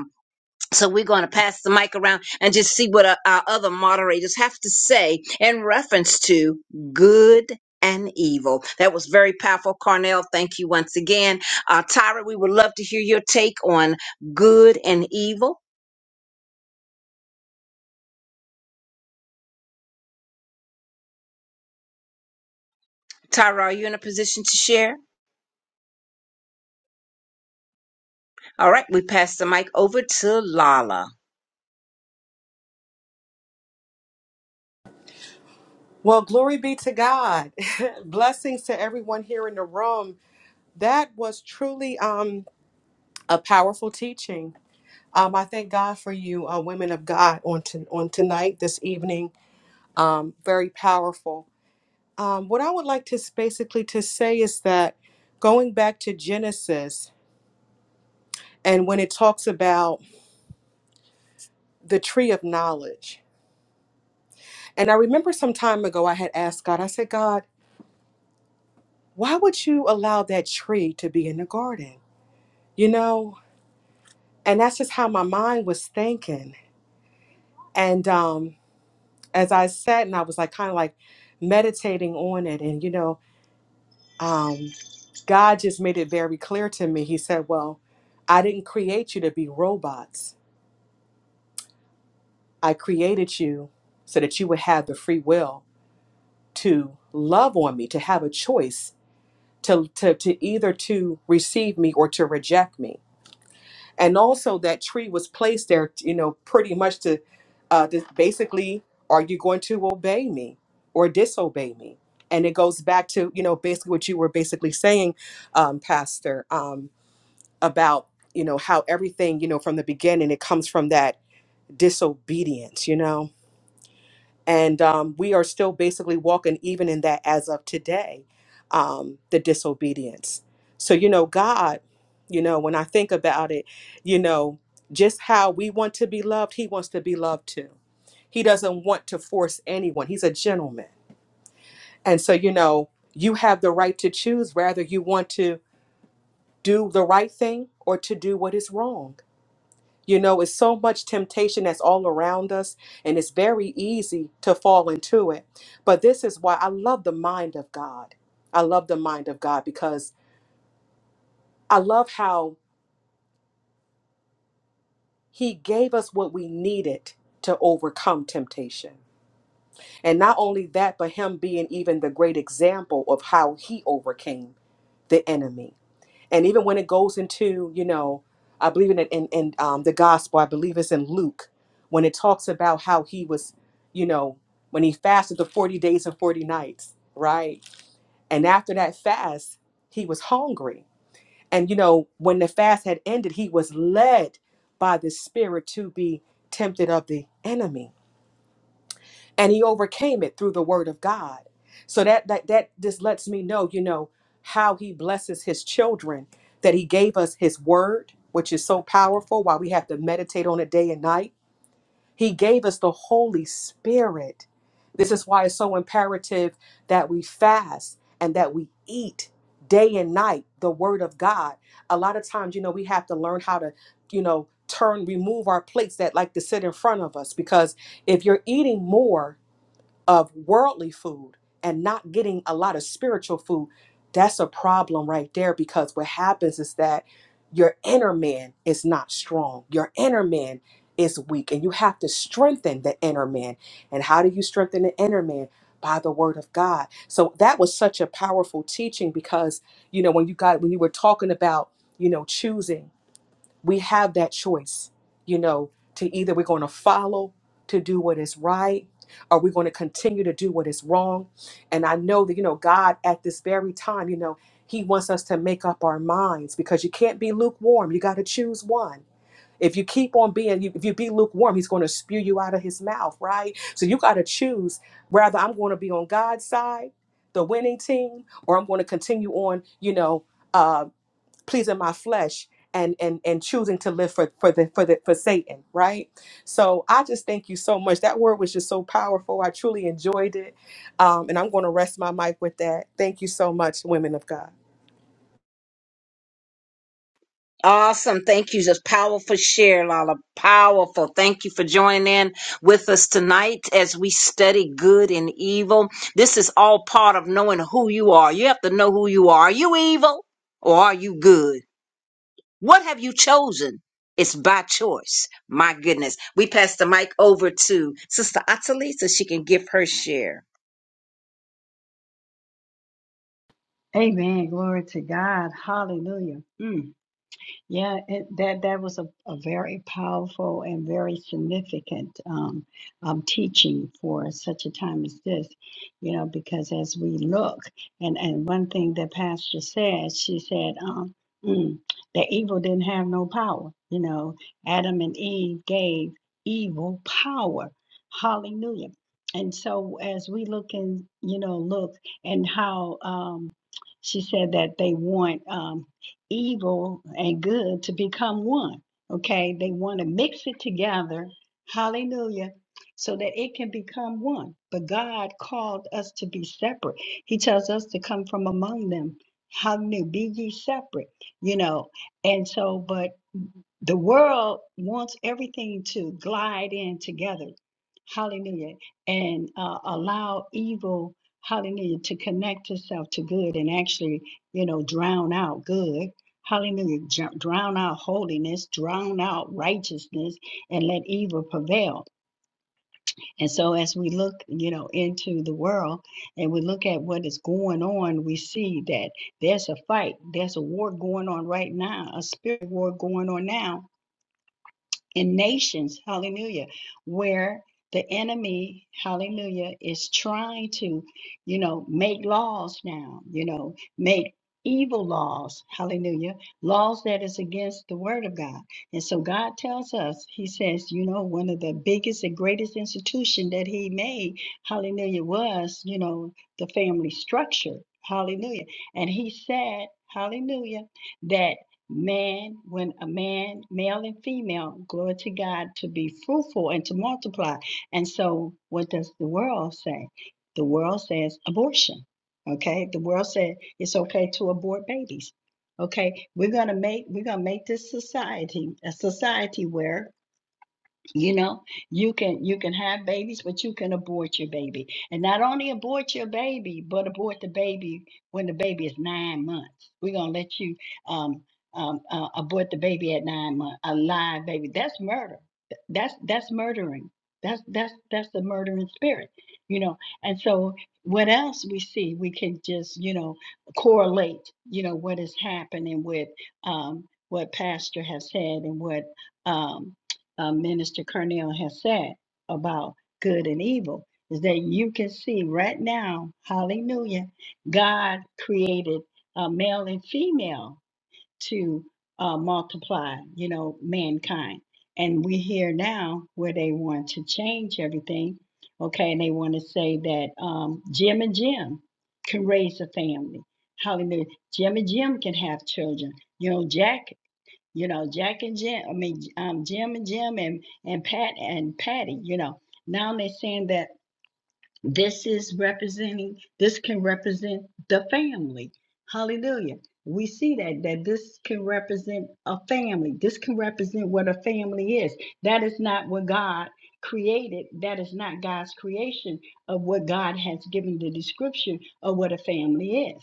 Speaker 1: So we're going to pass the mic around and just see what our, our other moderators have to say in reference to good and evil. That was very powerful, Carnell. Thank you once again. Uh, Tyra, we would love to hear your take on good and evil. Tyra, are you in a position to share? All right, we pass the mic over to Lala.
Speaker 3: Well, glory be to God. [laughs] Blessings to everyone here in the room. That was truly um, a powerful teaching. Um, I thank God for you, uh, women of God, on to, on tonight, this evening. Um, very powerful. Um, what I would like to s- basically to say is that going back to Genesis and when it talks about the tree of knowledge, and I remember some time ago I had asked God, I said, God, why would you allow that tree to be in the garden? You know, and that's just how my mind was thinking and um as i sat and i was like kind of like meditating on it and you know um god just made it very clear to me he said well i didn't create you to be robots i created you so that you would have the free will to love on me to have a choice to to, to either to receive me or to reject me and also that tree was placed there you know pretty much to uh to basically are you going to obey me or disobey me and it goes back to you know basically what you were basically saying um pastor um about you know how everything you know from the beginning it comes from that disobedience you know and um, we are still basically walking even in that as of today, um, the disobedience. So, you know, God, you know, when I think about it, you know, just how we want to be loved, He wants to be loved too. He doesn't want to force anyone, He's a gentleman. And so, you know, you have the right to choose whether you want to do the right thing or to do what is wrong. You know, it's so much temptation that's all around us, and it's very easy to fall into it. But this is why I love the mind of God. I love the mind of God because I love how He gave us what we needed to overcome temptation. And not only that, but Him being even the great example of how He overcame the enemy. and even when it goes into you know i believe in it in, in um, the gospel i believe it's in luke when it talks about how he was you know when he fasted the 40 days and 40 nights right and after that fast he was hungry and you know when the fast had ended he was led by the spirit to be tempted of the enemy and he overcame it through the word of god so that that that just lets me know you know how he blesses his children that he gave us his word which is so powerful why we have to meditate on it day and night he gave us the holy spirit this is why it's so imperative that we fast and that we eat day and night the word of god a lot of times you know we have to learn how to you know turn remove our plates that like to sit in front of us because if you're eating more of worldly food and not getting a lot of spiritual food, that's a problem right there because what happens is that your inner man is not strong. Your inner man is weak, and you have to strengthen the inner man. And how do you strengthen the inner man? By the word of God. So that was such a powerful teaching because, you know, when you got, when you were talking about, you know, choosing we have that choice, you know, to either we're going to follow to do what is right or we're going to continue to do what is wrong. And I know that, you know, God at this very time, you know, He wants us to make up our minds because you can't be lukewarm. You got to choose one. If you keep on being, you- if you be lukewarm, he's going to spew you out of his mouth, right? So you got to choose rather, I'm going to be on God's side, the winning team, or I'm going to continue on, you know, uh, pleasing my flesh and and and choosing to live for for the for the for Satan, right? So I just thank you so much. That word was just so powerful. I truly enjoyed it, um, and I'm going to rest my mic with that. Thank you so much, women of God.
Speaker 1: Awesome. Thank you. Just powerful share, Lala. Powerful. Thank you for joining in with us tonight as we study good and evil. This is all part of knowing who you are. You have to know who you are. Are you evil or are you good? What have you chosen? It's by choice. My goodness. We pass the mic over to Sister Atali so she can give her share.
Speaker 4: Amen. Glory to God. Hallelujah. Mm. Yeah, it, that that was a, a very powerful and very significant um, um, teaching for such a time as this, you know, because as we look, and, and one thing that Pastor said, she said, um, mm, the evil didn't have no power. You know, Adam and Eve gave evil power. Hallelujah. And so as we look and, you know, look and how um, she said that they want. Um, evil and good to become one. Okay, they want to mix it together, hallelujah, so that it can become one. But God called us to be separate. He tells us to come from among them. Hallelujah, be ye separate, you know. And so, but the world wants everything to glide in together. Hallelujah. And uh, allow evil, hallelujah, to connect itself to good and actually, you know, drown out good. Hallelujah. Dr- Drown out holiness, drown out righteousness, and let evil prevail. And so, as we look, you know, into the world and we look at what is going on, we see that there's a fight, there's a war going on right now, a spirit war going on now in nations, hallelujah, where the enemy, hallelujah, is trying to, you know, make laws now, you know, make evil laws, hallelujah, laws that is against the word of God. And so God tells us, he says, you know, one of the biggest and greatest institution that he made, hallelujah, was, you know, the family structure. Hallelujah. And he said, hallelujah, that man, when a man, male and female, glory to God, to be fruitful and to multiply. And so, what does the world say? The world says abortion. Okay, the world said it's okay to abort babies. Okay, we're gonna make we're gonna make this society a society where you know you can you can have babies but you can abort your baby and not only abort your baby but abort the baby when the baby is nine months we're going to let you um, um, uh, abort the baby at nine months a live baby that's murder Th- that's that's murdering that's that's that's the murdering spirit you know and so what else we see we can just you know correlate you know what is happening with um, what pastor has said and what um, uh, Minister Cornell has said about good and evil is that you can see right now, hallelujah, God created uh, male and female to uh, multiply, you know, mankind. And we hear now where they want to change everything, okay, and they want to say that um, Jim and Jim can raise a family. Hallelujah. Jim and Jim can have children. You know, Jack you know, Jack and Jim, I mean, um, Jim and Jim and, and Pat and Patty, you know, now they're saying that this is representing, this can represent the family. Hallelujah. We see that, that this can represent a family. This can represent what a family is. That is not what God created. That is not God's creation of what God has given the description of what a family is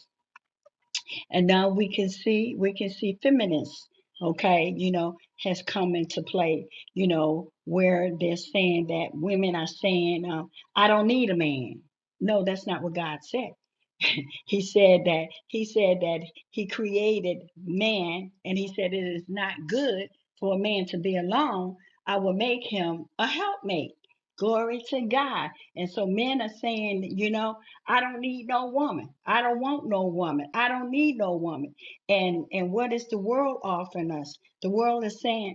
Speaker 4: and now we can see we can see feminists okay you know has come into play you know where they're saying that women are saying uh, i don't need a man no that's not what god said [laughs] he said that he said that he created man and he said it is not good for a man to be alone i will make him a helpmate glory to god and so men are saying you know i don't need no woman i don't want no woman i don't need no woman and and what is the world offering us the world is saying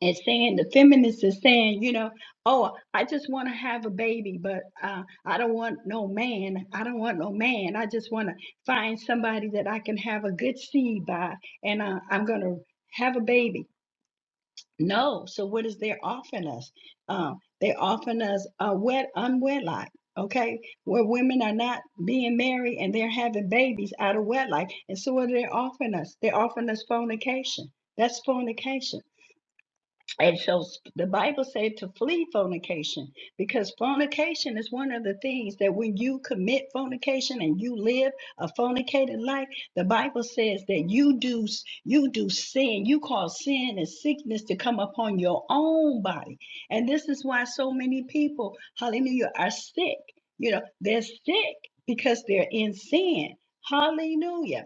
Speaker 4: and saying the feminists are saying, you know, oh, I just want to have a baby, but uh, I don't want no man. I don't want no man. I just want to find somebody that I can have a good seed by, and uh, I'm gonna have a baby. No, so what is they offering us? Uh, they're offering us a wet unwedlock. Okay, where women are not being married and they're having babies out of wedlock, and so what are they offering us? They're offering us fornication. That's fornication and so the Bible said to flee fornication because fornication is one of the things that when you commit fornication and you live a fornicated life, the Bible says that you do you do sin. You cause sin and sickness to come upon your own body. And this is why so many people, hallelujah, are sick. You know, they're sick because they're in sin. Hallelujah.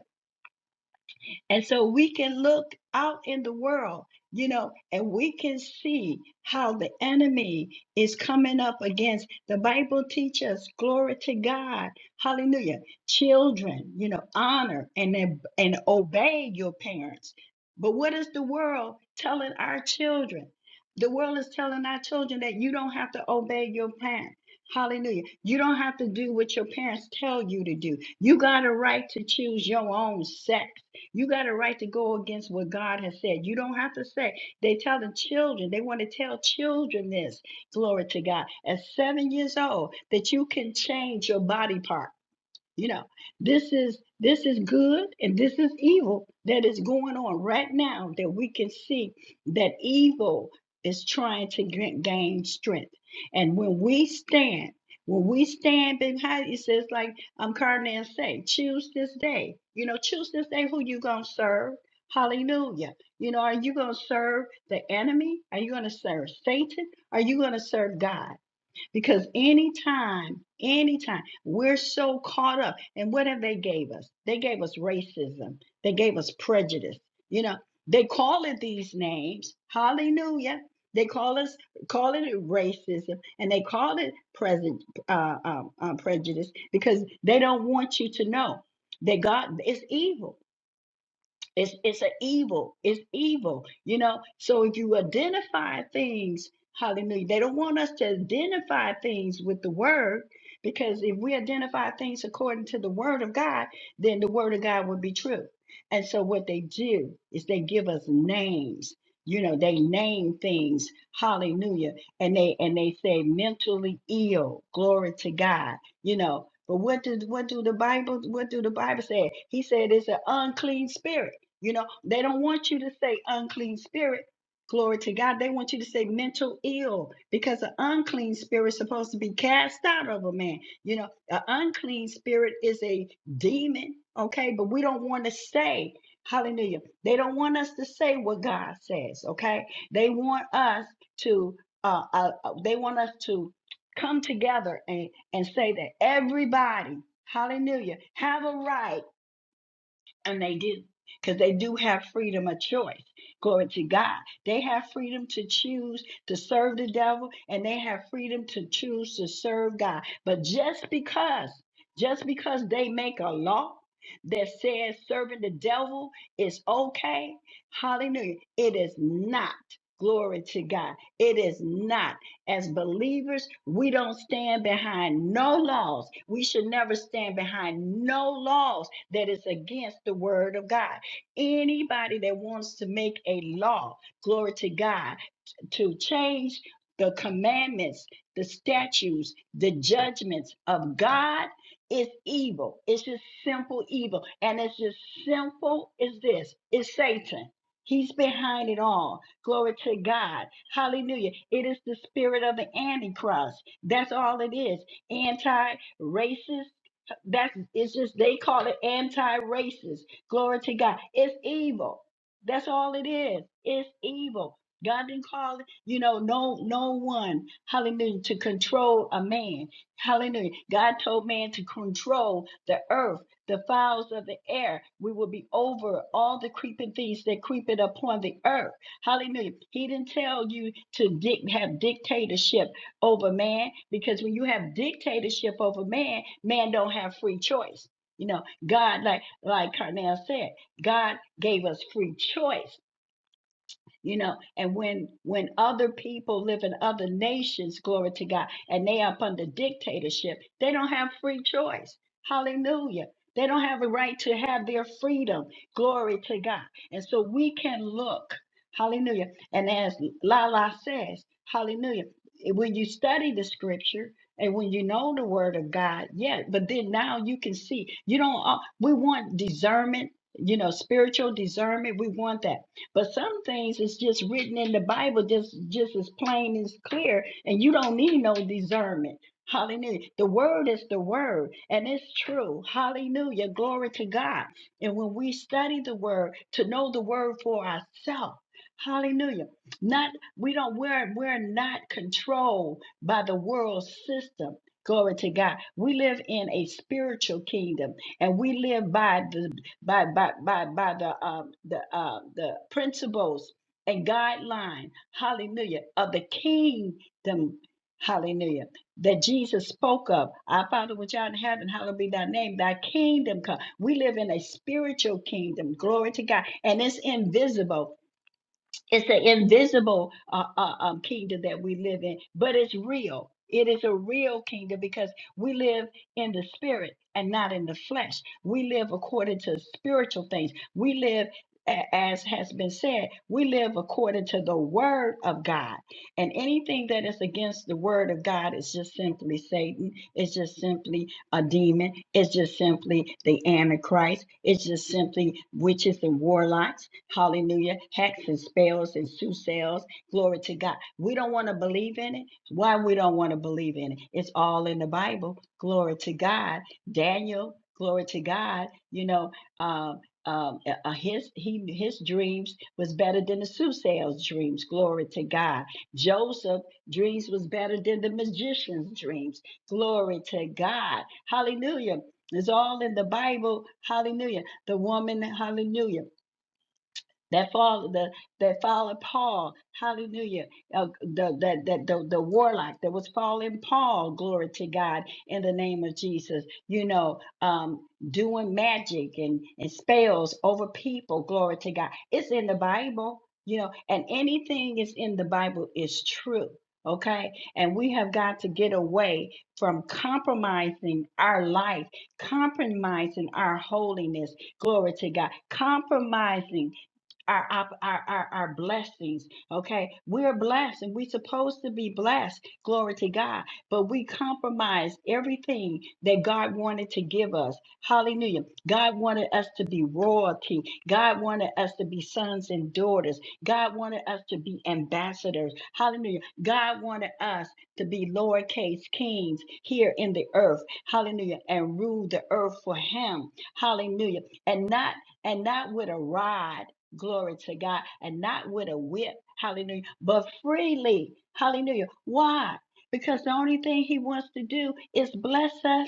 Speaker 4: And so we can look out in the world, you know, and we can see how the enemy is coming up against the Bible teaches, glory to God, hallelujah. Children, you know, honor and, ob- and obey your parents. But what is the world telling our children? The world is telling our children that you don't have to obey your parents. Hallelujah. You don't have to do what your parents tell you to do. You got a right to choose your own sex. You got a right to go against what God has said. You don't have to say. They tell the children, they want to tell children this, glory to God, at seven years old, that you can change your body part. You know, this is this is good and this is evil that is going on right now that we can see that evil is trying to ga- gain strength. And when we stand, when we stand behind, it says like um Cardinal say, choose this day. You know, choose this day who you gonna serve. Hallelujah. You know, are you gonna serve the enemy? Are you gonna serve Satan? Are you gonna serve God? Because anytime, anytime, we're so caught up. And what have they gave us? They gave us racism. They gave us prejudice. You know, they call it these names. Hallelujah. They call us call it racism and they call it present uh, um, uh, prejudice because they don't want you to know that God is evil. It's it's an evil. It's evil. You know. So if you identify things, hallelujah. They don't want us to identify things with the word, because if we identify things according to the word of God, then the word of God would be true. And so what they do is they give us names. You know, they name things, hallelujah. And they and they say mentally ill, glory to God, you know. But what did what do the Bible what do the Bible say? He said it's an unclean spirit. You know, they don't want you to say unclean spirit. Glory to God. They want you to say mental ill because an unclean spirit is supposed to be cast out of a man. You know, an unclean spirit is a demon, okay? But we don't want to say, hallelujah. They don't want us to say what God says, okay? They want us to, uh, uh, uh, they want us to come together and, and say that everybody, hallelujah, have a right and they do, because they do have freedom of choice. Glory to God. They have freedom to choose to serve the devil, and they have freedom to choose to serve God. But just because, just because they make a law that says serving the devil is okay, hallelujah, it is not. Glory to God. It is not. As believers, we don't stand behind no laws. We should never stand behind no laws that is against the word of God. Anybody that wants to make a law, glory to God, to change the commandments, the statutes, the judgments of God is evil. It's just simple evil. And it's just simple as this it's Satan. He's behind it all. Glory to God. Hallelujah. It is the spirit of the Antichrist. That's all it is. Anti racist. That's it's just they call it anti racist. Glory to God. It's evil. That's all it is. It's evil. God didn't call it, you know, no no one, hallelujah, to control a man. Hallelujah. God told man to control the earth, the fowls of the air. We will be over all the creeping things that creepeth upon the earth. Hallelujah. He didn't tell you to dic- have dictatorship over man because when you have dictatorship over man, man don't have free choice. You know, God, like like Carnell said, God gave us free choice you know and when when other people live in other nations glory to god and they up under dictatorship they don't have free choice hallelujah they don't have a right to have their freedom glory to god and so we can look hallelujah and as lala says hallelujah when you study the scripture and when you know the word of god yeah but then now you can see you don't uh, we want discernment you know spiritual discernment we want that but some things is just written in the Bible, just just as plain as clear, and you don't need no discernment. Hallelujah. The word is the word, and it's true. Hallelujah. Glory to God. And when we study the word, to know the word for ourselves. Hallelujah. Not we don't we're we're not controlled by the world system. Glory to God. We live in a spiritual kingdom and we live by the by by by by the um the uh the principles and guideline hallelujah of the kingdom hallelujah that jesus spoke of our father which art in heaven hallowed be thy name thy kingdom come we live in a spiritual kingdom glory to god and it's invisible it's the invisible uh, uh, um, kingdom that we live in, but it's real. It is a real kingdom because we live in the spirit and not in the flesh. We live according to spiritual things. We live, a- as has been said, we live according to the word of God. And anything that is against the word of God is just simply Satan. It's just simply a demon. It's just simply the Antichrist. It's just simply witches and warlocks. Hallelujah. Hacks and spells and soothsayers. Glory to God. We don't want to believe in it. Why we don't want to believe in it? It's all in the Bible. Glory to God. Daniel, glory to God. You know, um, um, uh, uh, his he his dreams was better than the soothsayer's dreams. Glory to God Joseph dreams was better than the magician's dreams. Glory to God. Hallelujah. It's all in the Bible. Hallelujah. The woman, hallelujah that followed the that followed Paul, hallelujah, uh, the, that that the, the warlock that was following Paul, glory to God, in the name of Jesus, you know, um, doing magic and, and spells over people, glory to God. It's in the Bible, you know, and anything is in the Bible is true. Okay, and we have got to get away from compromising our life, compromising our holiness, glory to God, compromising our our our, our blessings. Okay, we're blessed and we're supposed to be blessed. Glory to God. But we compromise everything that God wanted to give us. Hallelujah. God wanted us to be royalty. God wanted us to be sons and daughters. God wanted us to be ambassadors. Hallelujah. God wanted us to be lowercase kings here in the earth. Hallelujah. And rule the earth for him. Hallelujah. And not and not with a rod. Glory to God. And not with a whip. Hallelujah. But freely. Hallelujah. Why? Because the only thing he wants to do is bless us.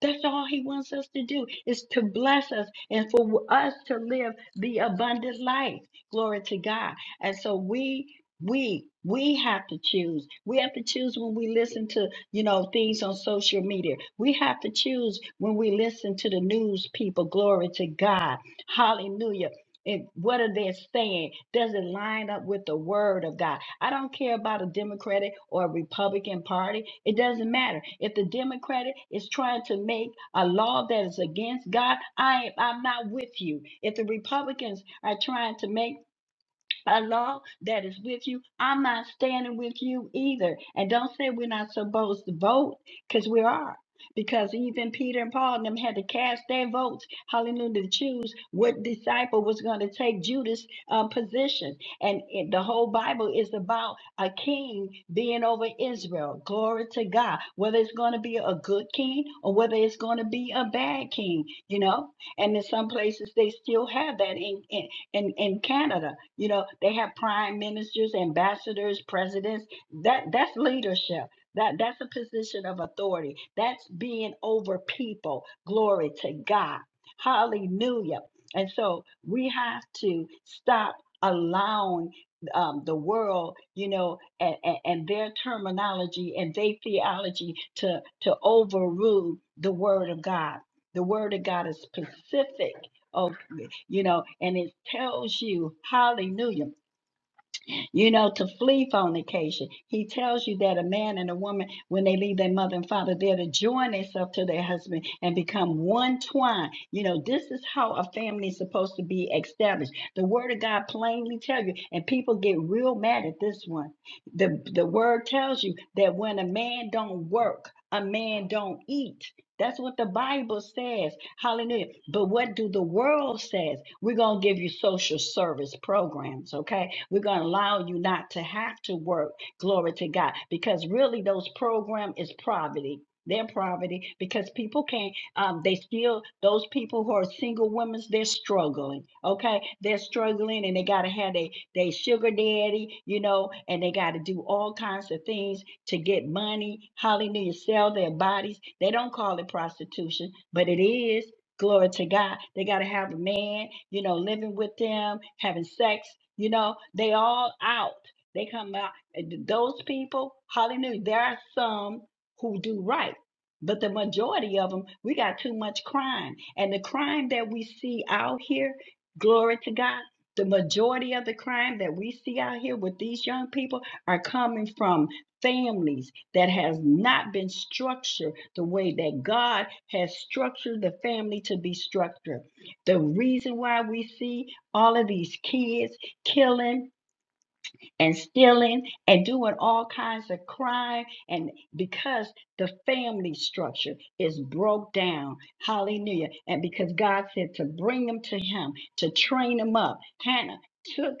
Speaker 4: That's all he wants us to do is to bless us and for us to live the abundant life. Glory to God. And so we we we have to choose. We have to choose when we listen to, you know, things on social media. We have to choose when we listen to the news people. Glory to God. Hallelujah it, what are they saying? Does it line up with the word of God? I don't care about a Democratic or a Republican party. It doesn't matter. If the Democratic is trying to make a law that is against God, I am, I'm not with you. If the Republicans are trying to make law that is with you. I'm not standing with you either. And don't say we're not supposed to vote, because we are. Because even Peter and Paul and them had to cast their votes, hallelujah, to choose what disciple was going to take Judas' uh, position. And it, the whole Bible is about a king being over Israel. Glory to God. Whether it's going to be a good king or whether it's going to be a bad king, you know? And in some places, they still have that in, in in in Canada. You know, they have prime ministers, ambassadors, presidents. That that's leadership. That that's a position of authority. That's being over people. Glory to God. Hallelujah. And so we have to stop allowing um, the world, you know, and, and, and their terminology and their theology to to overrule the word of God. The word of God is specific. of you know, and it tells you, hallelujah, you know, to flee fornication. He tells you that a man and a woman, when they leave their mother and father, they're to join themselves to their husband and become one twine. You know, this is how a family is supposed to be established. The word of God plainly tells you, and people get real mad at this one. The the word tells you that when a man don't work, a man don't eat. That's what the Bible says. Hallelujah. But what do the world says? We're going to give you social service programs, okay? We're going to allow you not to have to work. Glory to God. Because really those program is poverty. They're poverty because people can't, um, they still, those people who are single women, they're struggling, okay? They're struggling and they got to have their they they sugar daddy, you know, and they got to do all kinds of things to get money. Hallelujah. Sell their bodies. They don't call it prostitution, but it is. Glory to God. They got to have a man, you know, living with them, having sex. You know, they all out. They come out. And Those people, hallelujah. There are some who do right. But the majority of them, we got too much crime. And the crime that we see out here, glory to God, the majority of the crime that we see out here with these young people are coming from families that has not been structured the way that God has structured the family to be structured. The reason why we see all of these kids killing and stealing and doing all kinds of crime. And because the family structure is broke down, hallelujah. And because God said to bring them to Him, to train them up, Hannah took.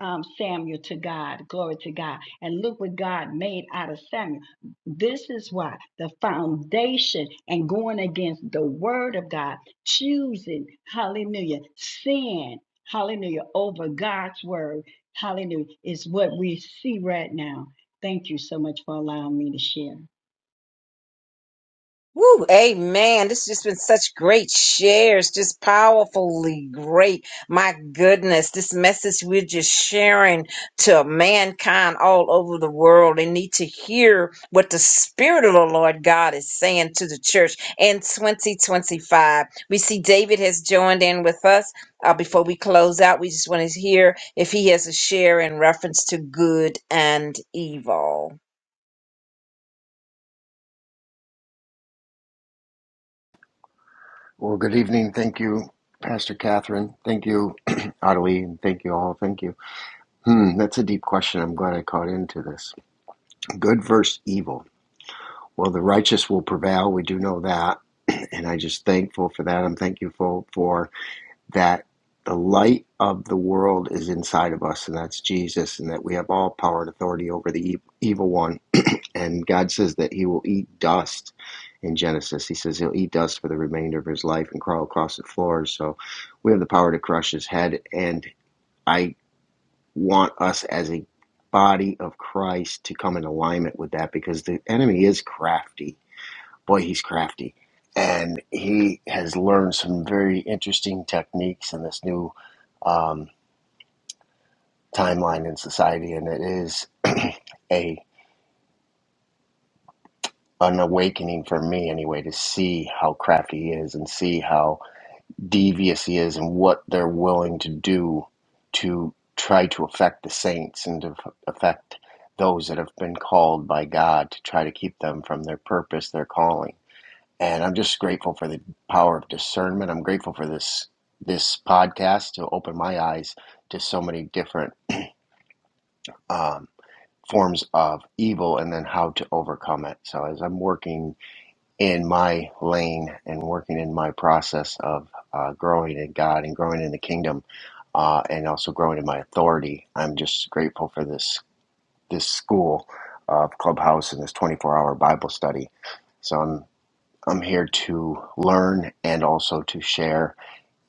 Speaker 4: Um, Samuel to God, glory to God. And look what God made out of Samuel. This is why the foundation and going against the word of God, choosing, hallelujah, sin, hallelujah, over God's word Hallelujah. It's what we see right now. Thank you so much for allowing me to share.
Speaker 1: Woo, amen. This has just been such great shares, just powerfully great. My goodness, this message we're just sharing to mankind all over the world. They need to hear what the Spirit of the Lord God is saying to the church in 2025. We see David has joined in with us. Uh, before we close out, we just want to hear if he has a share in reference to good and evil.
Speaker 5: Well, good evening. Thank you, Pastor Catherine. Thank you, [clears throat] Ottilie, and thank you all. Thank you. Hmm, that's a deep question. I'm glad I caught into this. Good versus evil. Well, the righteous will prevail. We do know that, [clears throat] and I just thankful for that. I'm thankful for that. The light of the world is inside of us, and that's Jesus, and that we have all power and authority over the e- evil one and God says that he will eat dust in Genesis. He says he'll eat dust for the remainder of his life and crawl across the floor. So we have the power to crush his head. And I want us as a body of Christ to come in alignment with that because the enemy is crafty. Boy, he's crafty. And he has learned some very interesting techniques in this new um, timeline in society. And it is [clears throat] a an awakening for me anyway to see how crafty he is and see how devious he is and what they're willing to do to try to affect the saints and to affect those that have been called by God to try to keep them from their purpose, their calling. And I'm just grateful for the power of discernment. I'm grateful for this this podcast to open my eyes to so many different um, forms of evil and then how to overcome it. So as I'm working in my lane and working in my process of uh, growing in God and growing in the kingdom, uh, and also growing in my authority. I'm just grateful for this this school of Clubhouse and this 24-hour Bible study. So I'm I'm here to learn and also to share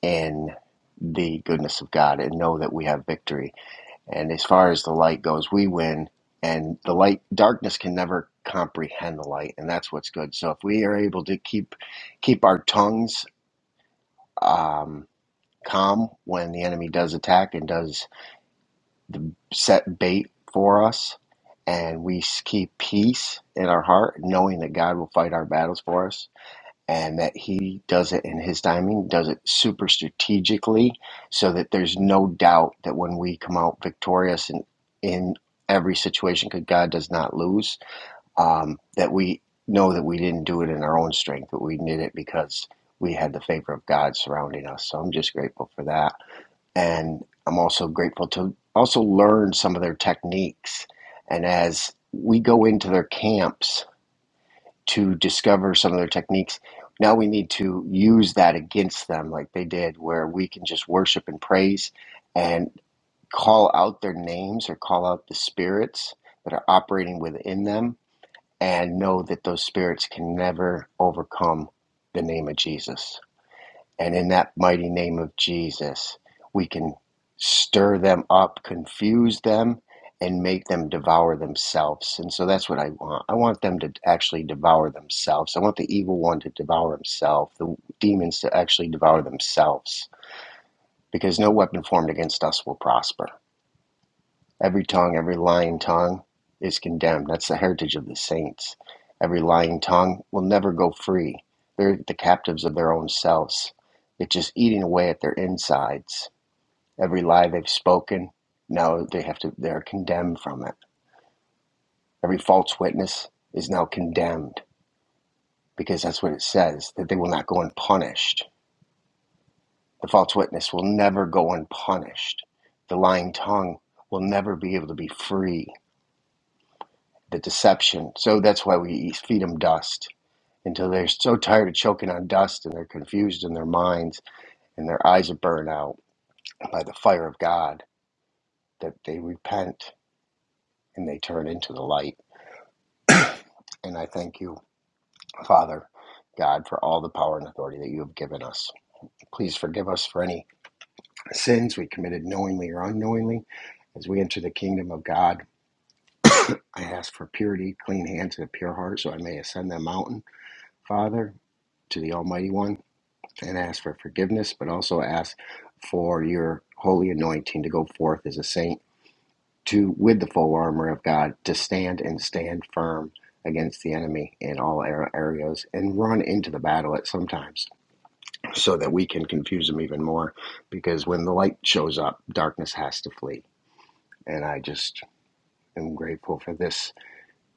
Speaker 5: in the goodness of God and know that we have victory and as far as the light goes, we win. And the light, darkness can never comprehend the light, and that's what's good. So if we are able to keep keep our tongues um, calm when the enemy does attack and does the set bait for us, and we s- keep peace in our heart, knowing that God will fight our battles for us, and that he does it in his timing, does it super strategically, so that there's no doubt that when we come out victorious in in every situation, because God does not lose, um, that we know that we didn't do it in our own strength, but we did it because we had the favor of God surrounding us. So I'm just grateful for that, and I'm also grateful to also learn some of their techniques. And as we go into their camps, to discover some of their techniques. Now we need to use that against them, like they did, where we can just worship and praise and call out their names or call out the spirits that are operating within them and know that those spirits can never overcome the name of Jesus. And in that mighty name of Jesus, we can stir them up, confuse them, and make them devour themselves. And so that's what I want. I want them to actually devour themselves. I want the evil one to devour himself, the demons to actually devour themselves, because no weapon formed against us will prosper. Every tongue, every lying tongue is condemned. That's the heritage of the saints. Every lying tongue will never go free. They're the captives of their own selves. It's just eating away at their insides. Every lie they've spoken, now they have to they're condemned from it. Every false witness is now condemned because that's what it says, that they will not go unpunished. The false witness will never go unpunished. The lying tongue will never be able to be free the deception. So that's why we feed them dust until they're so tired of choking on dust and they're confused in their minds and their eyes are burned out by the fire of God that they repent and they turn into the light. And I thank you, Father God, for all the power and authority that you have given us. Please forgive us for any sins we committed knowingly or unknowingly as we enter the kingdom of God. I ask for purity, clean hands, and a pure heart so I may ascend that mountain. Father, to the Almighty One, and ask for forgiveness, but also ask for your holy anointing to go forth as a saint to with the full armor of God to stand and stand firm against the enemy in all areas and run into the battle at sometimes so that we can confuse them even more because when the light shows up darkness has to flee and I just am grateful for this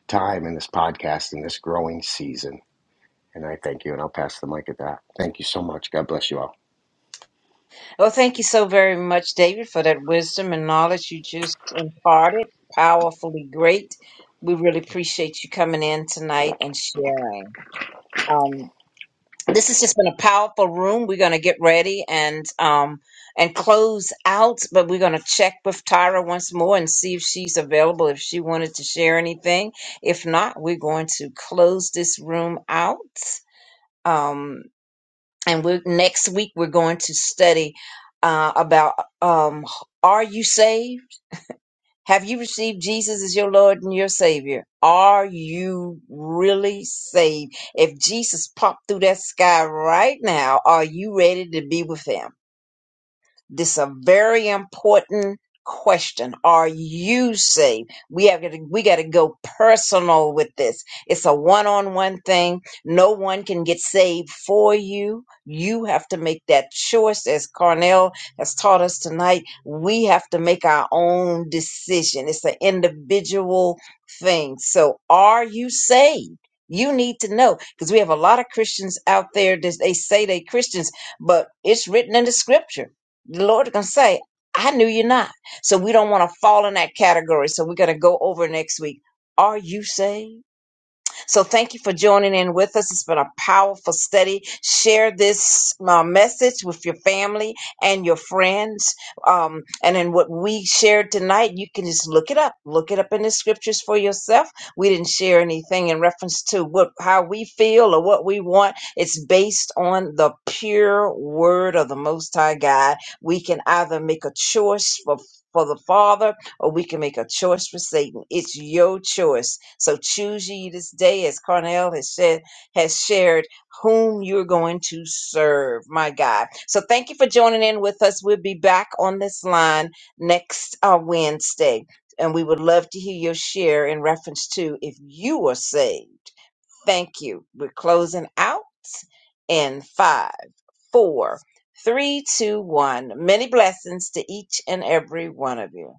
Speaker 5: time and this podcast and this growing season and I thank you and I'll pass the mic at that thank you so much god bless you all
Speaker 1: Well, thank you so very much, David, for that wisdom and knowledge you just imparted. Powerfully great. We really appreciate you coming in tonight and sharing. Um, this has just been a powerful room. We're going to get ready and um, and close out, but we're going to check with Tyra once more and see if she's available. If she wanted to share anything, if not, we're going to close this room out. Um, and we're next week we're going to study uh, about um, are you saved have you received jesus as your lord and your savior are you really saved if jesus popped through that sky right now are you ready to be with him this is a very important question. Are you saved? We have to, we got to go personal with this. It's a one-on-one thing. No one can get saved for you. You have to make that choice as Carnell has taught us tonight. We have to make our own decision. It's an individual thing. So are you saved? You need to know because we have a lot of Christians out there that they say they Christians, but it's written in the scripture the Lord gonna say, I knew you not. So we don't want to fall in that category. So we're gonna go over next week. Are you saved? So thank you for joining in with us. It's been a powerful study. Share this uh, message with your family and your friends. Um, and in what we shared tonight, you can just look it up. Look it up in the scriptures for yourself. We didn't share anything in reference to what how we feel or what we want. It's based on the pure word of the Most High God. We can either make a choice for for the Father or we can make a choice for Satan. It's your choice. So choose ye this day, as Carnell has said, has shared whom you're going to serve. My God. So thank you for joining in with us. We'll be back on this line next uh, Wednesday. And we would love to hear your share in reference to if you are saved. Thank you. We're closing out in five, four, three, two, one. Many blessings to each and every one of you.